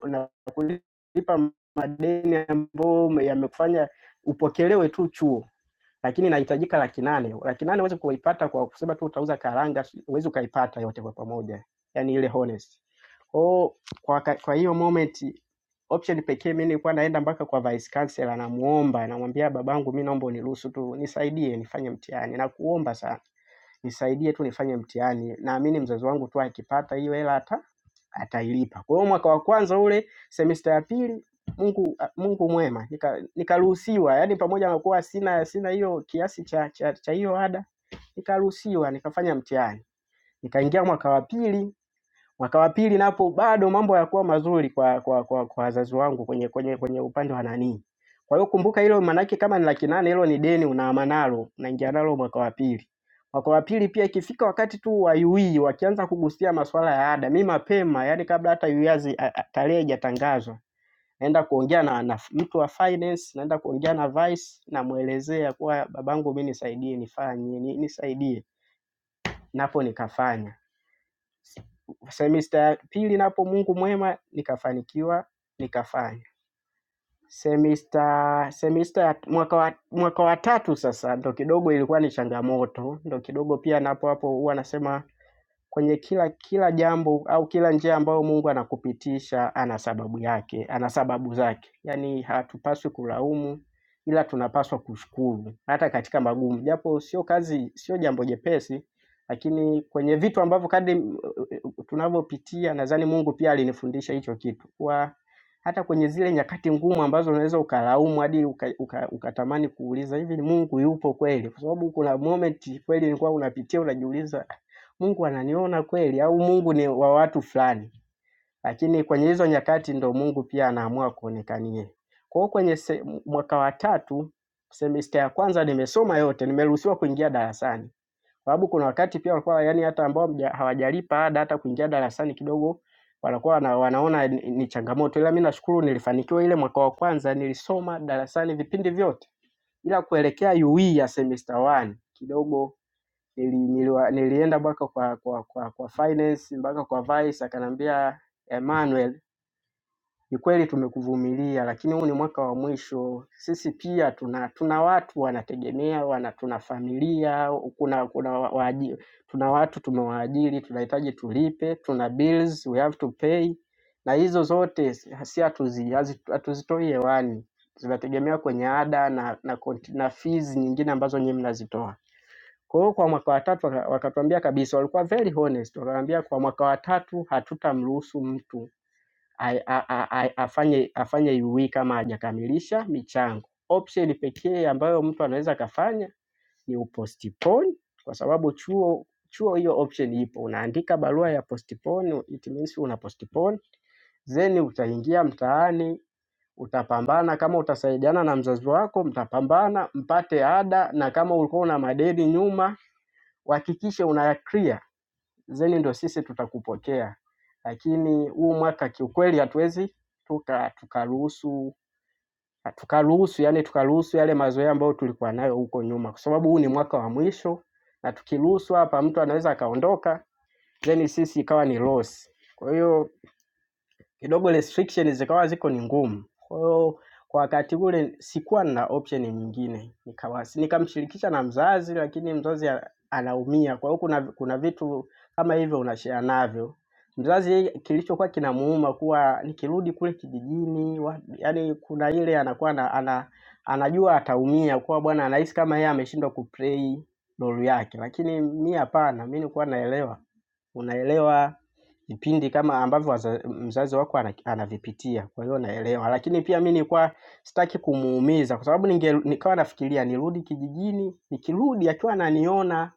na kulipa madeni ambayo yamekufanya upokelewe tu chuo, lakini inahitajika laki nane. Laki nane huwezi kuipata kwa kusema tu utauza karanga, huwezi ukaipata yote kwa pamoja, yani ile honest. Kwa, kwa, ka- kwa hiyo moment option pekee mimi nilikuwa naenda mpaka kwa vice chancellor, namuomba namwambia, babangu, mimi naomba uniruhusu tu nisaidie nifanye mtihani, nakuomba sana nisaidie tu nifanye mtihani. Naamini mzazi wangu tu akipata hiyo hela ata atailipa. Kwa hiyo mwaka wa kwanza ule, semester ya pili, Mungu Mungu mwema, nika- nikaruhusiwa, yani pamoja na kuwa sina sina hiyo kiasi cha cha cha hiyo ada, nikaruhusiwa nikafanya mtihani, nikaingia mwaka wa pili Mwaka wa pili napo bado mambo yakuwa mazuri kwa kwa kwa kwa wazazi wangu kwenye kwenye kwenye upande wa nani. Kwa hiyo kumbuka hilo maanake kama ni laki nane hilo ni deni unaama nalo, unaingia nalo mwaka wa pili. Mwaka wa pili pia ikifika wakati tu wa UE wakianza kugusia masuala ya ada, mi mapema, yani kabla hata UE hazi- a- a- tarehe haijatangazwa, naenda kuongea na, na mtu wa finance, naenda kuongea na vice, namwelezea kuwa babangu mi nisaidie nifanye ni- nisaidie, napo nikafanya semista ya pili napo Mungu mwema nikafanikiwa nikafanya. Semista semista ya mwaka wa, mwaka wa tatu sasa ndo kidogo ilikuwa ni changamoto, ndo kidogo pia napo hapo huwa nasema kwenye kila kila jambo au kila njia ambayo Mungu anakupitisha ana sababu yake, ana sababu zake. Yaani hatupaswi kulaumu ila tunapaswa kushukuru hata katika magumu, japo sio kazi, sio jambo jepesi, lakini kwenye vitu ambavyo kadri eh, eh, tunavyopitia, nadhani Mungu pia alinifundisha hicho kitu kuwa hata kwenye zile nyakati ngumu ambazo unaweza ukalaumu hadi ukatamani uka, uka ukatamani kuuliza hivi ni Mungu yupo kweli? Kwa sababu kuna moment kweli nilikuwa unapitia unajiuliza, Mungu ananiona kweli au Mungu ni wa watu fulani? Lakini kwenye hizo nyakati ndo Mungu pia anaamua kuonekanie. Kwa hiyo kwenye se, mwaka wa tatu semester ya kwanza nimesoma yote, nimeruhusiwa kuingia darasani sababu kuna wakati pia walikuwa yani hata ambao mja- hawajalipa ada hata kuingia darasani kidogo wanakuwa wana, wanaona ni ni changamoto, ila mi nashukuru nilifanikiwa ile mwaka wa kwanza nilisoma darasani vipindi vyote, ila kuelekea UE ya semester 1 kidogo nili, niliwa, nilienda mpaka kwa, kwa, kwa, kwa finance mpaka kwa vice akaniambia Emmanuel ni kweli tumekuvumilia, lakini huu ni mwaka wa mwisho. Sisi pia tuna tuna watu wanategemea, wana tuna familia, kuna kuna waajiri, tuna watu tumewaajiri, tunahitaji tulipe, tuna bills we have to pay, na hizo zote si si hatuzi- hazi- hatuzitoi hewani, zinategemea kwenye ada na na, konti- na fees nyingine ambazo nyinyi mnazitoa. Kwa hiyo kwa mwaka wa tatu waka- wakatuambia kabisa, walikuwa very honest, wakatuambia kwa mwaka wa tatu hatutamruhusu mtu ai- a- a- a- afanye afanye UE kama hajakamilisha michango. Option pekee ambayo mtu anaweza akafanya ni upostpone, kwa sababu chuo chuo hiyo option ipo. Unaandika barua ya postpone, it means una postpone, then utaingia mtaani utapambana. Kama utasaidiana na mzazi wako, mtapambana mpate ada, na kama ulikuwa una madeni nyuma, uhakikishe una clear zeni ndio sisi tutakupokea, lakini huu mwaka kiukweli hatuwezi tuka tukaruhusu tukaruhusu yani tukaruhusu yale mazoea ambayo tulikuwa nayo huko nyuma, kwa sababu huu ni mwaka wa mwisho, na tukiruhusu hapa mtu anaweza akaondoka, then sisi ikawa ni loss. Kwa hiyo kidogo restriction zikawa ziko ni ngumu. Kwa hiyo kwa wakati ule sikuwa na option nyingine, nikawasi nikamshirikisha na mzazi, lakini mzazi a- anaumia. Kwa hiyo kuna kuna vitu kama hivyo unashare navyo mzazi yeye kilichokuwa kinamuuma kuwa nikirudi kule kijijini wa- yaani kuna ile anakuwa ana, ana, anajua ataumia kuwa bwana anahisi kama yeye ameshindwa kuplay role yake, lakini mi hapana, mi nilikuwa naelewa unaelewa vipindi kama ambavyo waza- mzazi wako ana- anavipitia, kwa hiyo naelewa. Lakini pia mi nilikuwa sitaki kumuumiza, kwa sababu ninge nikawa nafikiria nirudi kijijini, nikirudi akiwa ananiona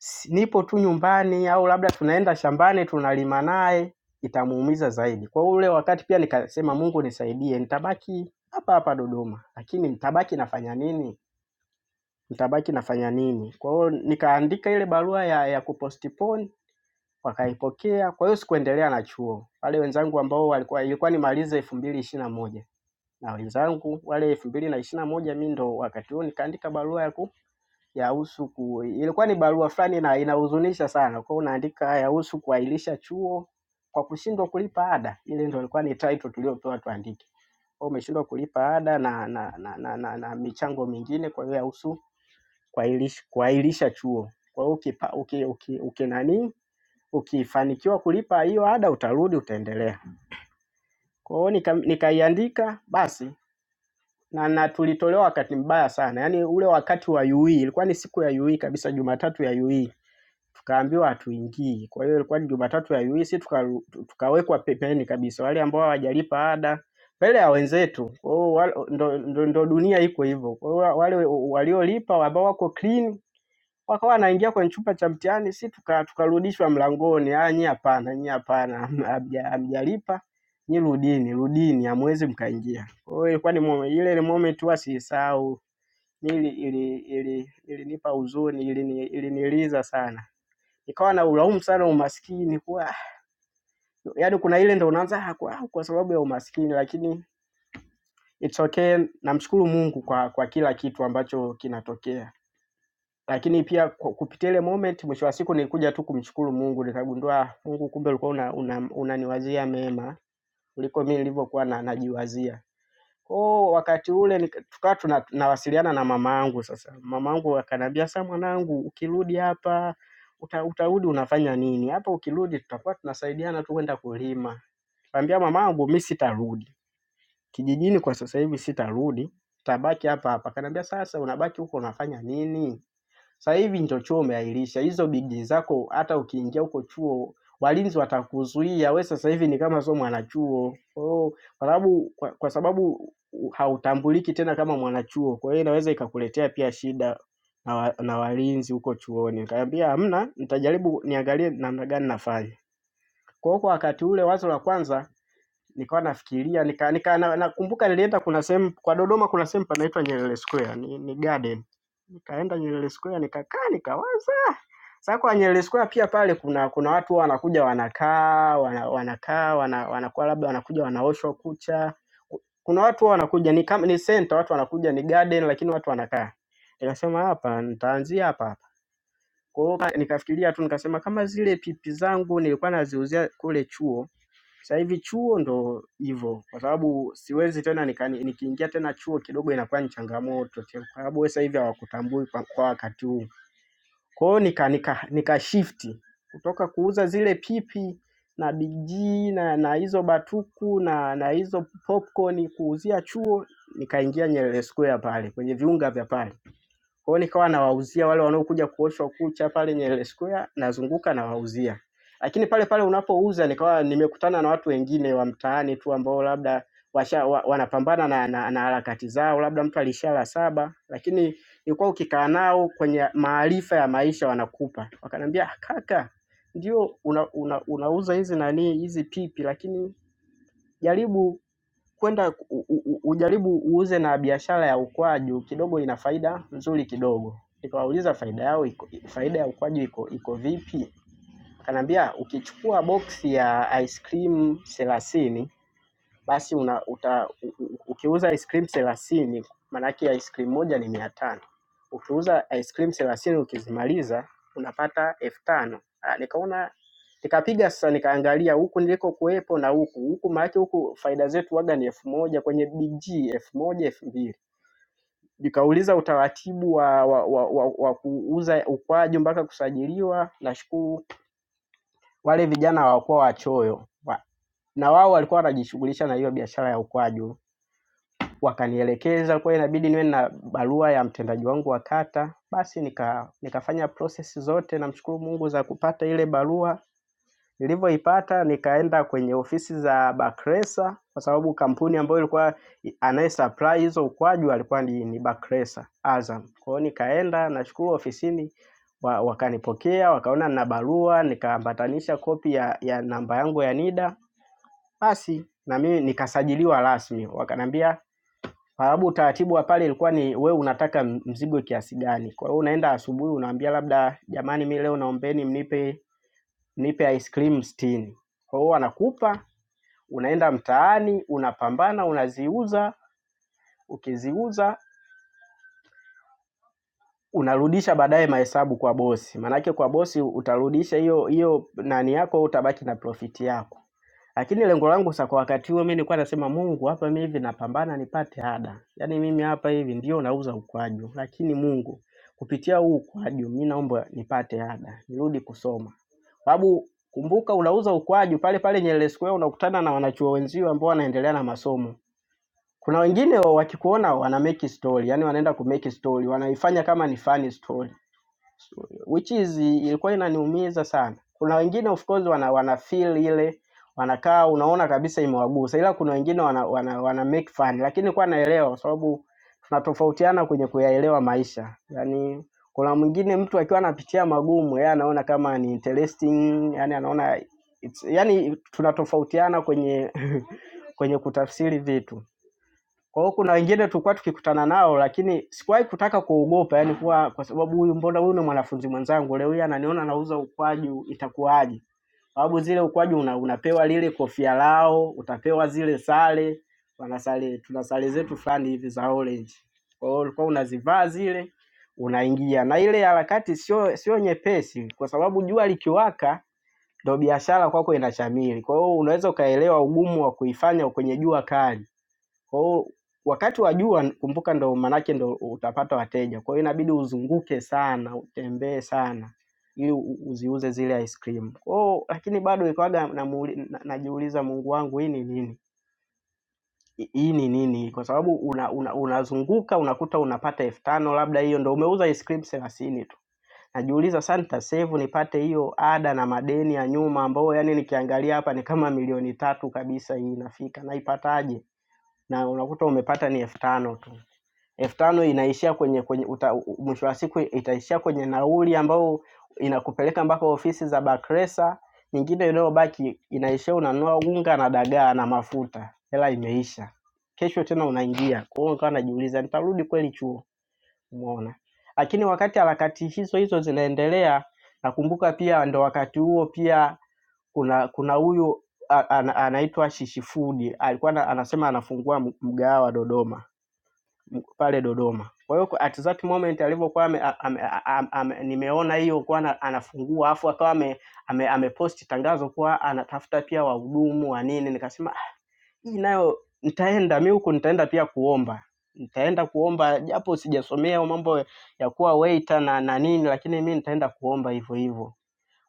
s- nipo tu nyumbani au labda tunaenda shambani tunalima naye, itamuumiza zaidi. Kwa ule wakati pia nikasema, Mungu nisaidie, nitabaki hapa hapa Dodoma, lakini nitabaki nafanya nini? Nitabaki nafanya nini? Kwa hiyo nikaandika ile barua ya, ya kupostpone wakaipokea. Kwa hiyo sikuendelea na chuo, wale wenzangu ambao walikuwa ilikuwa nimalize elfu mbili ishirini na moja na wenzangu wale elfu mbili na ishirini na moja mi ndo wakati huo nikaandika barua ya ku yahusu ku, ilikuwa ni barua fulani na inahuzunisha sana, kwa hiyo unaandika yahusu kuahirisha chuo kwa kushindwa kulipa ada. Ile ndo ilikuwa ni title tuliopewa tuandike, kwa hiyo umeshindwa kulipa ada na na na, na, na, na michango mingine, kwa hiyo yahusu kuahirisha kuahirisha chuo. Kwa hiyo ukipa uki, uki, uki nani ukifanikiwa kulipa hiyo ada utarudi utaendelea. Kwa hiyo nika, nikaiandika basi na, na tulitolewa wakati mbaya sana, yaani ule wakati wa UE ilikuwa ni siku ya UE kabisa, Jumatatu ya UE tukaambiwa hatuingii. Kwa hiyo ilikuwa ni Jumatatu ya UE, si tuka, tukawekwa pembeni kabisa, wale ambao hawajalipa ada mbele ya wenzetu. Kwa hiyo wal- ndo, ndo, ndo dunia iko hivyo. Kwa hiyo wale waliolipa ambao wako clean wakawa wanaingia kwenye chumba cha mtihani, si tuka- tukarudishwa tuka mlangoni, ah, nyie hapana, nyie hapana, hamja- hamjalipa nyie, rudini, rudini, hamwezi mkaingia. Kwa hiyo ilikuwa ni moment, ile ni moment huwa siisahau mimi, ili ili ilinipa ili huzuni, ilini- iliniliza ili sana, nikawa na ulaumu sana umaskini kuwa yaani kuna ile ndo unaanza "Ah, kwa, kwa sababu ya umaskini, lakini it's okay. Namshukuru Mungu kwa kwa kila kitu ambacho kinatokea. lakini pia ku- kupitia ile moment, mwisho wa siku nilikuja tu kumshukuru Mungu, nikagundua Mungu, kumbe ulikuwa unaniwazia una, una, unaniwazia mema kuliko mimi nilivyokuwa na, najiwazia. Kwa wakati ule nika- tukawa tuna- tunawasiliana na mama yangu sasa. Mama yangu akaniambia, sasa mwanangu, ukirudi hapa uta, utarudi unafanya nini hapa? Ukirudi tutakuwa tunasaidiana tu kwenda kulima. Nikamwambia mama yangu, mimi sitarudi kijijini kwa sasa hivi, sitarudi, tabaki hapa hapa. Akaniambia, sasa unabaki huko unafanya nini? Sasa hivi ndio chuo umeahirisha hizo bidii zako, hata ukiingia huko chuo walinzi watakuzuia we. Sasa hivi ni kama sio mwanachuo kwa hiyo kwa sababu kwa, kwa sababu u- hautambuliki tena kama mwanachuo, kwa hiyo inaweza ikakuletea pia shida na, wa, na walinzi huko chuoni. Nikamwambia hamna, nitajaribu niangalie namna gani nafanya. Kwa hiyo kwa wakati ule wazo la kwanza nikawa nafikiria nika, nika na, nakumbuka na nilienda kuna sehemu kwa Dodoma kuna sehemu panaitwa Nyerere Square ni, ni garden. Nikaenda Nyerere Square nikakaa nikawaza. Sasa kwa Nyerere Square pia pale kuna kuna watu huwa wanakuja wanakaa wana, wanakaa wana, wanakuwa labda wanakuja wanaoshwa kucha. Kuna watu huwa wanakuja ni kama ni center watu wanakuja ni garden lakini watu wanakaa. Nikasema hapa nitaanzia hapa hapa. Kwa hiyo ka- nikafikiria tu nikasema kama zile pipi zangu nilikuwa naziuzia kule chuo sasa hivi chuo ndo hivyo, kwa sababu siwezi tena nikani- nikiingia tena chuo kidogo inakuwa ni changamoto tena, kwa sababu wewe sasa hivi hawakutambui kwa, kwa wakati huu. Kwa hiyo nika, nika, nika shifti kutoka kuuza zile pipi na biji na na hizo batuku na na hizo popcorn kuuzia chuo, nikaingia Nyerere Square pale kwenye viunga vya pale. Kwa hiyo nikawa nawauzia wale wanaokuja kuoshwa kucha pale Nyerere Square, nazunguka nawauzia. Lakini pale pale unapouza nikawa nimekutana na watu wengine wa mtaani tu ambao labda washa, wa, wanapambana na, na, na harakati zao, labda mtu alishala saba, lakini ilikuwa ukikaa nao kwenye maarifa ya maisha wanakupa. Wakaniambia "Ah, kaka, ndio una, una, unauza hizi nani hizi pipi, lakini jaribu kwenda u- u- ujaribu uuze na biashara ya ukwaju kidogo ina faida nzuri kidogo. Nikawauliza faida yao iko, faida ya ukwaju iko iko vipi? Akaniambia ukichukua boksi ya ice cream thelathini basi una, uta, u- u- ukiuza ice cream thelathini maanake ice cream moja ni mia tano ukiuza ice cream thelathini ukizimaliza unapata elfu tano Ah, nikaona nikapiga sasa, nikaangalia huku niliko kuwepo na huku huku, maanake huku faida zetu waga ni elfu moja kwenye BG elfu moja elfu mbili Nikauliza utaratibu wa, wa, wa, wa, wa kuuza ukwaji mpaka kusajiliwa. Nashukuru wale vijana hawakuwa wachoyo wa, na wao walikuwa wanajishughulisha na hiyo biashara ya ukwaji wakanielekeza kwa hiyo inabidi niwe na barua ya mtendaji wangu wa kata. Basi nika nikafanya process zote, namshukuru Mungu za kupata ile barua. Nilivyoipata nikaenda kwenye ofisi za Bakresa kwa sababu kampuni ambayo ilikuwa anaye supply hizo ukwaju alikuwa ni, ni Bakresa Azam. Kwa hiyo nikaenda, nashukuru ofisini wa, wakanipokea wakaona nina barua, nikaambatanisha kopi ya, ya namba yangu ya NIDA, basi na mimi nikasajiliwa rasmi, wakaniambia kwa sababu utaratibu wa pale ilikuwa ni we unataka mzigo kiasi gani. Kwa hiyo unaenda asubuhi unaambia labda jamani, mi leo naombeni mnipe mnipe ice cream sitini. Kwa hiyo wanakupa, unaenda mtaani, unapambana, unaziuza, ukiziuza unarudisha baadaye mahesabu kwa bosi, maanake kwa bosi utarudisha hiyo hiyo nani yako, utabaki na profiti yako. Lakini lengo langu sasa kwa wakati huo mimi nilikuwa nasema Mungu hapa mimi hivi napambana nipate ada. Yaani mimi hapa hivi ndio nauza ukwaju, lakini Mungu kupitia huu ukwaju mimi naomba nipate ada, nirudi kusoma. Sababu kumbuka unauza ukwaju pale pale Nyerere Square unakutana na wanachuo wenzio ambao wanaendelea na masomo. Kuna wengine wakikuona wana make story, yani wanaenda ku make story, wanaifanya kama ni funny story which is ilikuwa inaniumiza sana. Kuna wengine of course wana, wana feel ile wanakaa unaona kabisa imewagusa, ila kuna wengine wana, wana, wana make fun, lakini kwa naelewa kwa sababu tunatofautiana kwenye kuyaelewa maisha. Yani kuna mwingine mtu akiwa anapitia magumu, yeye anaona kama ni interesting, yani anaona it's, yani tunatofautiana kwenye kwenye kutafsiri vitu. Kwa hiyo kuna wengine tulikuwa tukikutana nao lakini sikuwahi kutaka kuogopa yani kuwa kwa sababu huyu mbona huyu ni mwanafunzi mwenzangu leo hii ananiona nauza ukwaju itakuwaje? Sababu zile ukwaju una, unapewa lile kofia lao, utapewa zile sare, wana sare tuna sare zetu fulani hivi za orange. Kwa hiyo ulikuwa unazivaa zile unaingia na ile harakati sio sio nyepesi kwa sababu jua likiwaka ndo biashara kwako inashamiri. Kwa hiyo unaweza ukaelewa ugumu wa kuifanya kwenye jua kali. Kwa hiyo wakati wa jua kumbuka, ndo maanake ndo utapata wateja, kwa hiyo inabidi uzunguke sana, utembee sana ili u- uziuze zile ice cream. Kwa hiyo lakini bado nilikuwaga namuuli- na- najiuliza, Mungu wangu, hii ni nini? Hi- Hii ni nini? Kwa sababu unazunguka una, una unazunguka, unakuta unapata elfu tano labda, hiyo ndo umeuza ice cream thelathini tu. Najiuliza sana nitasevu nipate hiyo ada na madeni ya nyuma, ambao yani nikiangalia hapa ni kama milioni tatu kabisa, hii inafika naipataje? na unakuta umepata ni elfu tano tu elfu tano inaishia kwenye, kwenye uta, u- mwisho wa siku itaishia kwenye nauli ambayo inakupeleka mpaka ofisi za Bakresa. Nyingine inayobaki inaishia unanunua unga na dagaa na mafuta, hela imeisha. Kesho tena unaingia. Kwa hiyo nikawa najiuliza nitarudi kweli chuo? Umeona? Lakini wakati harakati hizo hizo zinaendelea, nakumbuka pia ndo wakati huo pia kuna kuna huyu a- ana- anaitwa Shishifudi alikuwa ana- anasema anafungua m- mgahawa Dodoma m- pale Dodoma. Kwa hiyo at that moment alivyokuwa ame, ame, ame, ame, nimeona hiyo kuwa ana- anafungua afu akawa ame, ame, amepost tangazo kuwa anatafuta pia wahudumu wa nini, nikasema "Ah, hii nayo nitaenda mi huku, nitaenda pia kuomba nitaenda kuomba japo sijasomea mambo ya kuwa waiter na, na nini, lakini mi nitaenda kuomba hivyo hivyo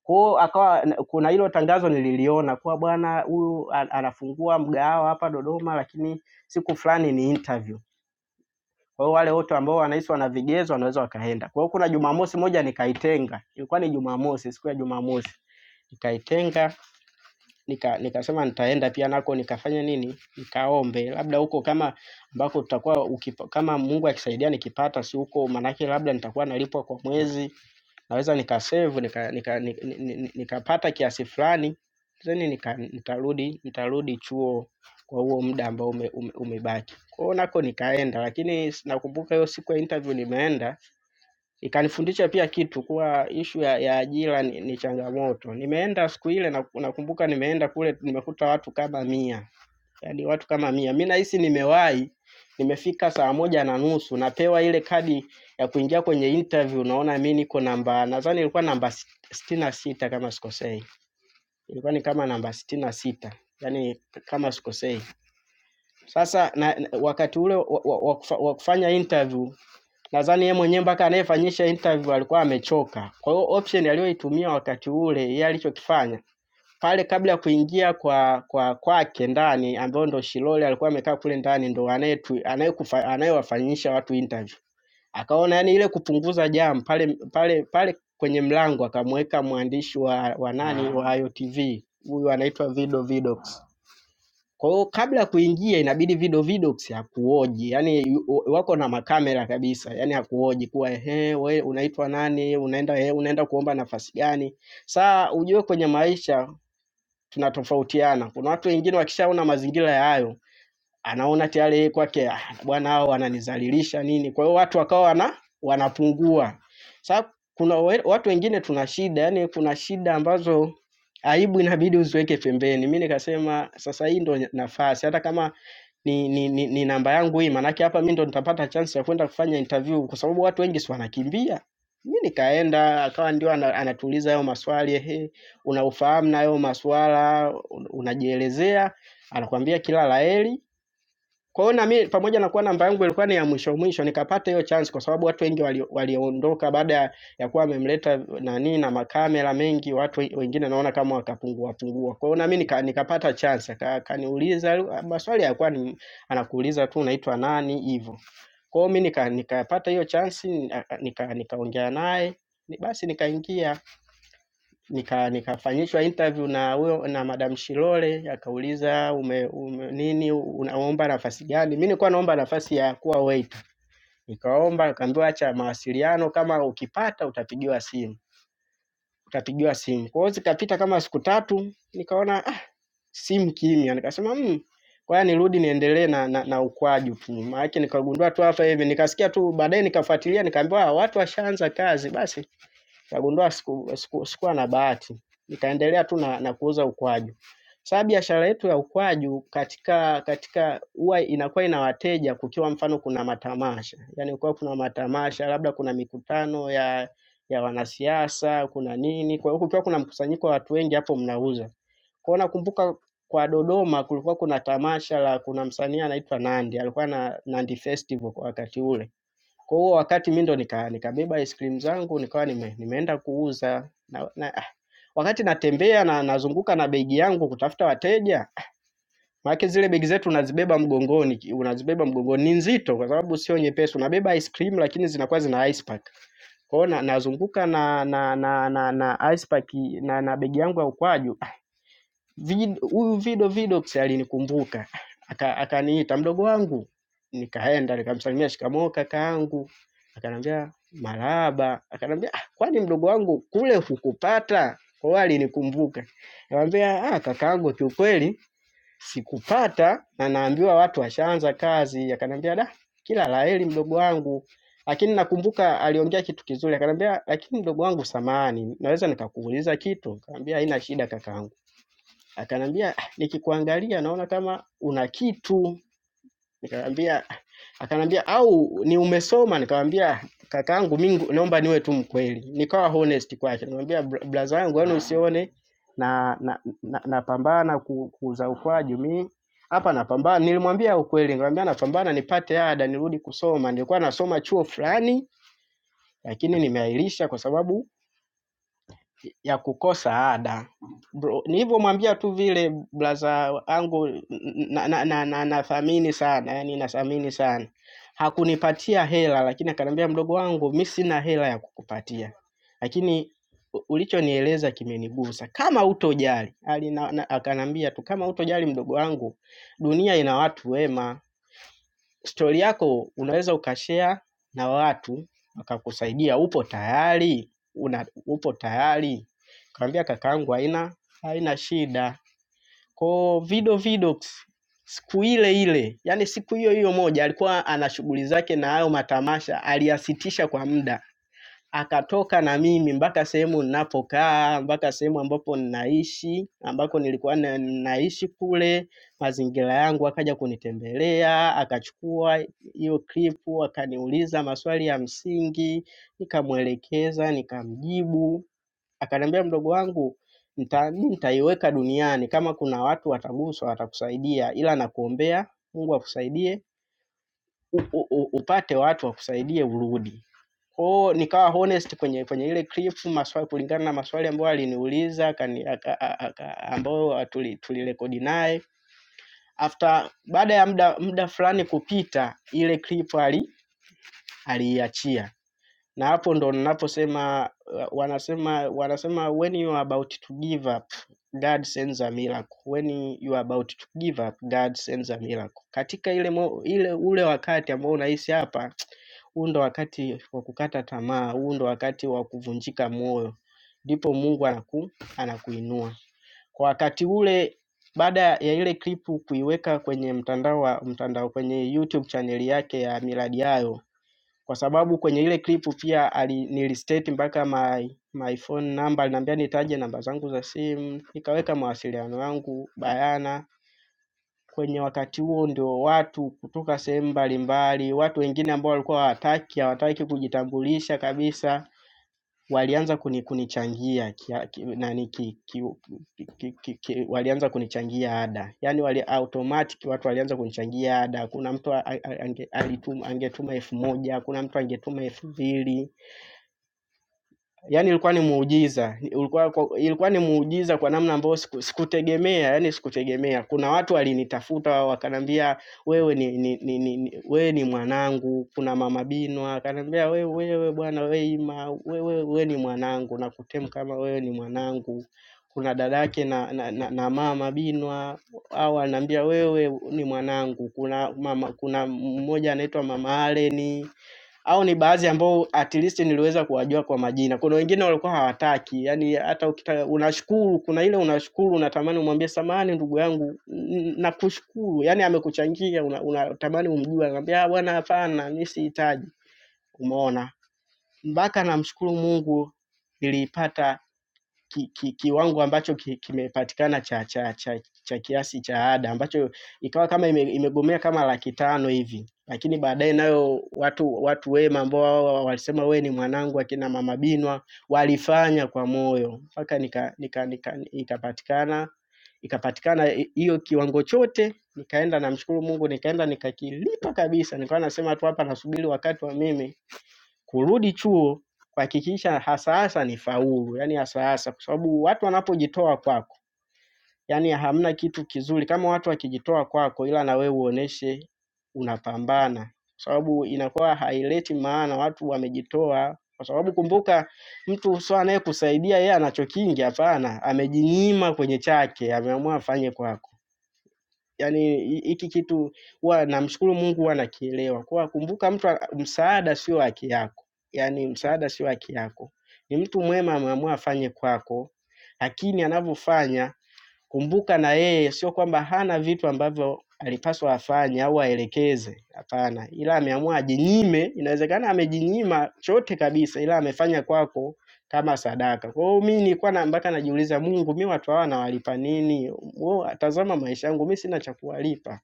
Kwao akawa kuna hilo tangazo nililiona kuwa bwana huyu a- anafungua mgahawa hapa Dodoma, lakini siku fulani ni interview. Kwa hiyo wale wote ambao wanahisi wana vigezo wanaweza wakaenda. Kwa hiyo kuna Jumamosi moja nikaitenga, ilikuwa ni Jumamosi, siku ya Jumamosi nikaitenga nika nikasema nitaenda pia nako nikafanya nini, nikaombe labda huko kama ambako tutakuwa ukipa, kama Mungu akisaidia nikipata, si huko, manake labda nitakuwa nalipwa kwa mwezi naweza nikasave nikapata nika, nika, nika, nika nikapata kiasi fulani then nika, nitarudi nitarudi chuo kwa huo muda ambao ume, ume, umebaki. Kwa hiyo nako nikaenda, lakini s- nakumbuka hiyo siku ya interview nimeenda, ikanifundisha pia kitu kuwa ishu ya, ya ajira ni, ni changamoto. Nimeenda siku ile na nakumbuka nimeenda kule, nimekuta watu kama mia yaani watu kama mia. Mi nahisi nimewahi, nimefika saa moja na nusu, napewa ile kadi ya kuingia kwenye interview. Naona mi niko namba, nadhani ilikuwa namba si, sitini na sita kama sikosei, ilikuwa ni kama namba sitini na sita yaani kama sikosei. Sasa na, na- wakati ule wa, wa, wa, kufa- wa kufanya interview nadhani yeye mwenyewe mpaka anayefanyisha interview alikuwa amechoka. Kwa hiyo option aliyoitumia wakati ule, yeye alichokifanya pale kabla ya kuingia kwa kwa kwake ndani ambao ndo Shilole alikuwa amekaa kule ndani ndo anayetu- anayekufa- anayewafanyisha watu interview. Akaona yani ile kupunguza jam pale pale pale kwenye mlango akamweka mwandishi wa, wa nani wa IOTV huyu anaitwa Vido Vidox. Kwa hiyo kabla ya kuingia inabidi Vido Vidox hakuoji, yani wako na makamera kabisa, yani hakuoji kuwa ehe, we unaitwa nani, unaenda ehe, unaenda kuomba nafasi gani. Saa ujue kwenye maisha tunatofautiana. Kuna watu wengine wakishaona mazingira ya hayo, anaona tayari yeye kwake "Ah, bwana, hao wananizalilisha nini. Kwa hiyo watu wakawa wana, wanapungua. Sasa kuna we- watu wengine tuna shida, yani kuna shida ambazo aibu inabidi uziweke pembeni. Mimi nikasema sasa hii ndo nafasi, hata kama ni, ni, ni, ni namba yangu hii, maanake hapa mi ndo nitapata chance ya kwenda kufanya interview, kwa sababu watu wengi si wanakimbia. Mi nikaenda akawa ndio ana- anatuuliza hayo maswali, ehe, unaufahamu na hayo maswala, un- unajielezea, anakuambia kila laheri kwa hiyo na mimi pamoja na kuwa namba yangu ilikuwa ni ya mwisho mwisho, nikapata hiyo chance kwa sababu watu wengi walio- waliondoka wali baada ya ya kuwa amemleta nani na makamera mengi, watu we- wengine naona kama wakapungua pungua. Kwa hiyo na mimi nika, nikapata chance, akaniuliza maswali yakuwa ni anakuuliza tu unaitwa nani hivyo. Kwa hiyo mimi nika, nikapata hiyo chance nika, nika, nikaongea naye ni- basi nikaingia nika nikafanyishwa interview na huyo na Madam Shilole akauliza ume, ume, nini unaomba nafasi gani? Mimi nilikuwa naomba nafasi ya kuwa waiter. Nikaomba akaambiwa acha mawasiliano, kama ukipata utapigiwa simu, utapigiwa simu. Kwa hiyo zikapita kama siku tatu, nikaona ah, simu kimya, nikasema mmm, kwa hiyo nirudi niendelee na, na, na ukwaji tu. Maana nikagundua tu hapa hivi, nikasikia tu baadaye, nikafuatilia nikaambiwa "Ah, watu washaanza kazi basi Nikagundua sikuwa siku, siku, sikuwa na bahati, nikaendelea tu na, na kuuza ukwaju. Sasa biashara yetu ya ukwaju katika katika huwa inakuwa ina wateja kukiwa mfano kuna matamasha, yaani kukiwa kuna matamasha, labda kuna mikutano ya ya wanasiasa, kuna nini. Kwa hiyo kukiwa kuna mkusanyiko wa watu wengi, hapo mnauza. Kwa hiyo nakumbuka kwa Dodoma kulikuwa kuna tamasha la kuna msanii anaitwa Nandi, alikuwa na Nandi Festival kwa wakati ule. Kwa hiyo wakati mimi ndo nika, nikabeba ice cream zangu nikawa nime, nimeenda kuuza na, na, ah, wakati natembea na nazunguka na begi yangu kutafuta wateja, maana zile begi zetu unazibeba mgongoni, ki- unazibeba mgongoni ni nzito kwa sababu sio nyepesi. Unabeba ice cream lakini zinakuwa zina ice pack. Kwa hiyo na, nazunguka na na na na, na ice pack na, na begi yangu ya ukwaju Vid- huyu Vido Vidox alinikumbuka aka- akaniita mdogo wangu, nikaenda nikamsalimia shikamoo kakaangu, akanambia marahaba, akanambia "Ah, kwani mdogo wangu kule hukupata? Kwa hiyo alinikumbuka. Nikamwambia ah, kakaangu, kiukweli sikupata na naambiwa watu washaanza kazi. Akanambia da, kila laheri mdogo wangu, lakini nakumbuka aliongea kitu kizuri, akanambia lakini mdogo wangu, samahani, naweza nikakuuliza kitu? Nikamwambia haina shida kakaangu Akaniambia nikikuangalia naona kama una kitu. Nikamwambia, akaniambia au ni umesoma? Nikamwambia kakaangu, mimi naomba niwe tu mkweli, nikawa honest kwake. Nikamwambia "Bra- braza yangu, yani usione na na na, napambana ku- kuuza ukwaju mimi hapa napambana. Nilimwambia ukweli, nikamwambia napambana nipate ada nirudi kusoma. Nilikuwa nasoma chuo fulani, lakini nimeahirisha kwa sababu ya kukosa ada. Bro, nilivyomwambia tu vile blaza wangu na, na, na, na, nathamini sana yani nathamini sana, hakunipatia hela, lakini akaniambia mdogo wangu, mi sina hela ya kukupatia, lakini u- ulichonieleza kimenigusa. Kama utojali ali na, na, akaniambia tu kama utojali mdogo wangu, dunia ina watu wema, stori yako unaweza ukashare na watu wakakusaidia, upo tayari una, upo tayari kaambia kakaangu, haina haina shida. Ko Vido Vidox siku ile ile, yani siku hiyo hiyo moja, alikuwa ana shughuli zake na hayo matamasha, aliyasitisha kwa muda akatoka na mimi mpaka sehemu ninapokaa, mpaka sehemu ambapo ninaishi, ambako nilikuwa na, naishi kule, mazingira yangu, akaja kunitembelea, akachukua hiyo klipu, akaniuliza maswali ya msingi, nikamwelekeza, nikamjibu, akaniambia mdogo wangu nita- mi nitaiweka duniani, kama kuna watu wataguswa watakusaidia, ila nakuombea Mungu akusaidie u- u- u- upate watu wakusaidie urudi. Kwa hiyo nikawa honest kwenye kwenye ile clip maswali kulingana na maswali ambayo aliniuliza akani- aka- a- aka- ambayo tuli- tulirekodi naye. After baada ya muda muda fulani kupita ile clip ali aliiachia na hapo ndo ninaposema uh, wanasema wanasema when you are about to give up God sends a miracle. When you are about to give up God sends a miracle. Katika ile, mo, ile ule wakati ambao unahisi hapa, huu ndo wakati wa kukata tamaa, huu ndo wakati wa kuvunjika moyo, ndipo Mungu anaku, anakuinua kwa wakati ule. Baada ya ile klipu kuiweka kwenye mtandao wa mtandao kwenye YouTube chaneli yake ya Miradi Yayo kwa sababu kwenye ile clip pia ali, nilistate mpaka my, my phone number, aliniambia nitaje namba zangu za simu, nikaweka mawasiliano yangu bayana. Kwenye wakati huo ndio watu kutoka sehemu mbalimbali, watu wengine ambao walikuwa hawataki hawataki kujitambulisha kabisa walianza kuni- kunichangia kia- ki- nani ki- ki- ki- ki- ki- walianza kunichangia ada yaani wali automatic watu walianza kunichangia ada kuna mtu a- a- ange- alituma angetuma elfu moja kuna mtu angetuma elfu mbili Yaani ilikuwa ni muujiza, ulikuwa kwa ilikuwa ni muujiza kwa namna ambayo siku sikutegemea, yaani sikutegemea. Kuna watu walinitafuta wakaniambia, "Wewe ni ni ni ni ni wewe ni mwanangu." Kuna Mama Binwa akaniambia, "Wewe wewe bwana we Ima, wewe we ni mwanangu, nakutem kama wewe ni mwanangu." Kuna dadake na na na na Mama Binwa, hao wananiambia, "Wewe ni mwanangu." Kuna mama kuna mmoja anaitwa Mama Allen. Hao ni baadhi ambao at least niliweza kuwajua kwa majina. Kuna wengine walikuwa hawataki, yaani hata ukita unashukuru, kuna ile unashukuru unatamani umwambie samahani ndugu yangu n- nakushukuru, yaani amekuchangia una- unatamani una, umjue, anambia "Ah, bwana hapana, mi sihitaji. Umeona, mpaka namshukuru Mungu niliipata ki, ki, kiwango ambacho ki- kimepatikana cha, cha, cha, cha kiasi cha ada ambacho ikawa kama ime, imegomea kama laki tano hivi, lakini baadaye nayo watu watu wema ambao wao walisema we ni mwanangu, akina mama Binwa walifanya kwa moyo mpaka nika, nika, nika, ikapatikana ikapatikana hi- hiyo kiwango chote. Nikaenda namshukuru Mungu, nikaenda nikakilipa kabisa. Nikawa nasema tu hapa nasubiri wakati wa mimi kurudi chuo kuhakikisha hasa hasa ni faulu, yani hasa hasa, kwa sababu watu wanapojitoa kwako, yani hamna kitu kizuri kama watu wakijitoa kwako, ila na wewe uoneshe unapambana, kwa sababu inakuwa haileti maana watu wamejitoa, kwa sababu kumbuka, mtu sio anayekusaidia yeye anacho kingi, hapana, amejinyima kwenye chake, ameamua afanye kwako. Yaani hi hiki kitu huwa namshukuru Mungu huwa nakielewa. Kuwa kumbuka mtu a msaada sio haki yako. Yaani msaada sio haki yako. Ni mtu mwema ameamua afanye kwako, lakini anavyofanya Kumbuka na yeye sio kwamba hana vitu ambavyo alipaswa afanye au aelekeze, hapana, ila ameamua ajinyime. Inawezekana amejinyima chote kabisa, ila amefanya kwako kama sadaka. Kwa hiyo mimi nilikuwa na mpaka najiuliza, Mungu, mimi watu hawa nawalipa nini? Wao tazama maisha yangu, mimi sina cha kuwalipa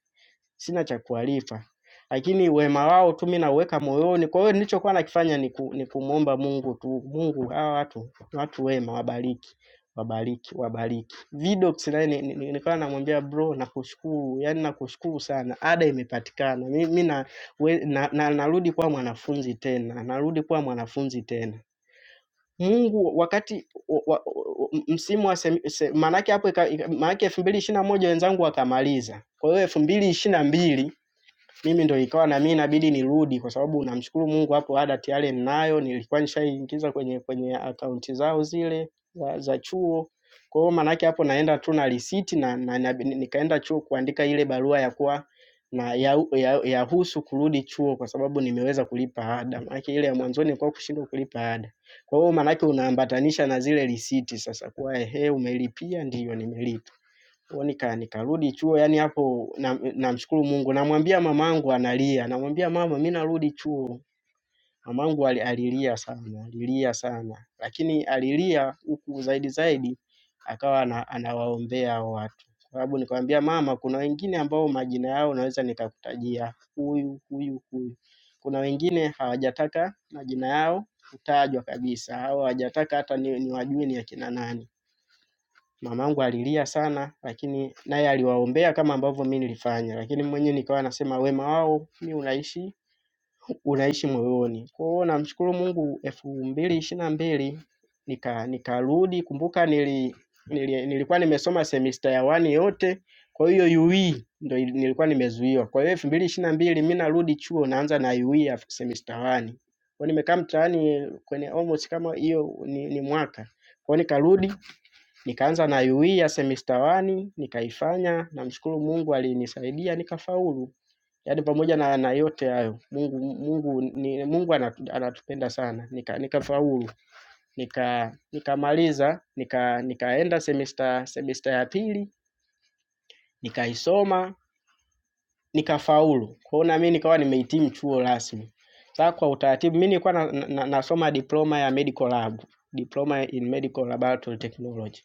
sina cha kuwalipa, lakini wema wao tu mimi nauweka moyoni. Kwa hiyo nilichokuwa nakifanya ni, ku, ni kumwomba Mungu tu, Mungu hawa watu ni watu wema, wabariki wabariki wabariki. Vidox naye ni- ni- nilikuwa namwambia bro, nakushukuru yani, nakushukuru sana, ada imepatikana. Mimi na, we- na, na, narudi kuwa mwanafunzi tena, narudi kuwa mwanafunzi tena. Mungu wakati wa, wa, wa- msimu wa semi- se, maanake hapo ika- ika- maanake elfu mbili ishirini na moja wenzangu wakamaliza, kwa hiyo elfu mbili ishirini na mbili mimi ndo ikawa na mimi inabidi nirudi kwa sababu namshukuru Mungu hapo ada tayari ninayo, nilikuwa nishaingiza kwenye kwenye akaunti zao zile za, za chuo. Kwa hiyo maana yake hapo naenda tu na risiti na, na, na nikaenda chuo kuandika ile barua ya kuwa na ya, ya, ya husu kurudi chuo kwa sababu nimeweza kulipa ada. Maana ile ya mwanzoni nilikuwa kushindwa kulipa ada. Kwa hiyo maana yake unaambatanisha na zile risiti sasa kuwa ehe, umelipia ndiyo nimelipa. Kwa nika nikarudi chuo yani hapo namshukuru na namshukuru Mungu. Namwambia mamangu analia. Namwambia mama mimi narudi chuo. Mamangu ali- alilia sana, alilia sana. Lakini alilia huku zaidi zaidi akawa ana, anawaombea hao watu. Kwa sababu nikamwambia mama kuna wengine ambao majina yao naweza nikakutajia huyu huyu huyu. Kuna wengine hawajataka majina yao kutajwa kabisa au hawajataka hata ni, niwajue ni akina nani. Mamangu alilia sana lakini naye aliwaombea kama ambavyo mimi nilifanya, lakini mwenyewe nikawa nasema wema wao mimi unaishi unaishi moyoni. Kwa hiyo namshukuru Mungu elfu mbili ishirini na mbili nika nikarudi. Kumbuka nili, nili, nilikuwa nimesoma semista ya wani yote, kwa hiyo UE ndo ili- nilikuwa nimezuiwa. Kwa hiyo elfu mbili ishirini na mbili mimi narudi chuo naanza na UE ya semista wani. Kwa hiyo nimekaa mtaani kwenye almost kama hiyo ni, ni mwaka. Kwa hiyo nikarudi Nikaanza na UE ya semester wani nikaifanya, namshukuru Mungu alinisaidia nikafaulu. Yaani pamoja na, na yote hayo Mungu Mungu ni, Mungu anatu- anatupenda sana. Nika nikafaulu, nika nikamaliza, nika nikaenda semester semester ya pili nikaisoma nikafaulu. Kwa hiyo na mimi nikawa nimehitimu chuo rasmi. Sasa kwa utaratibu mimi nilikuwa na, na, na, nasoma diploma ya medical lab, diploma in medical laboratory technology.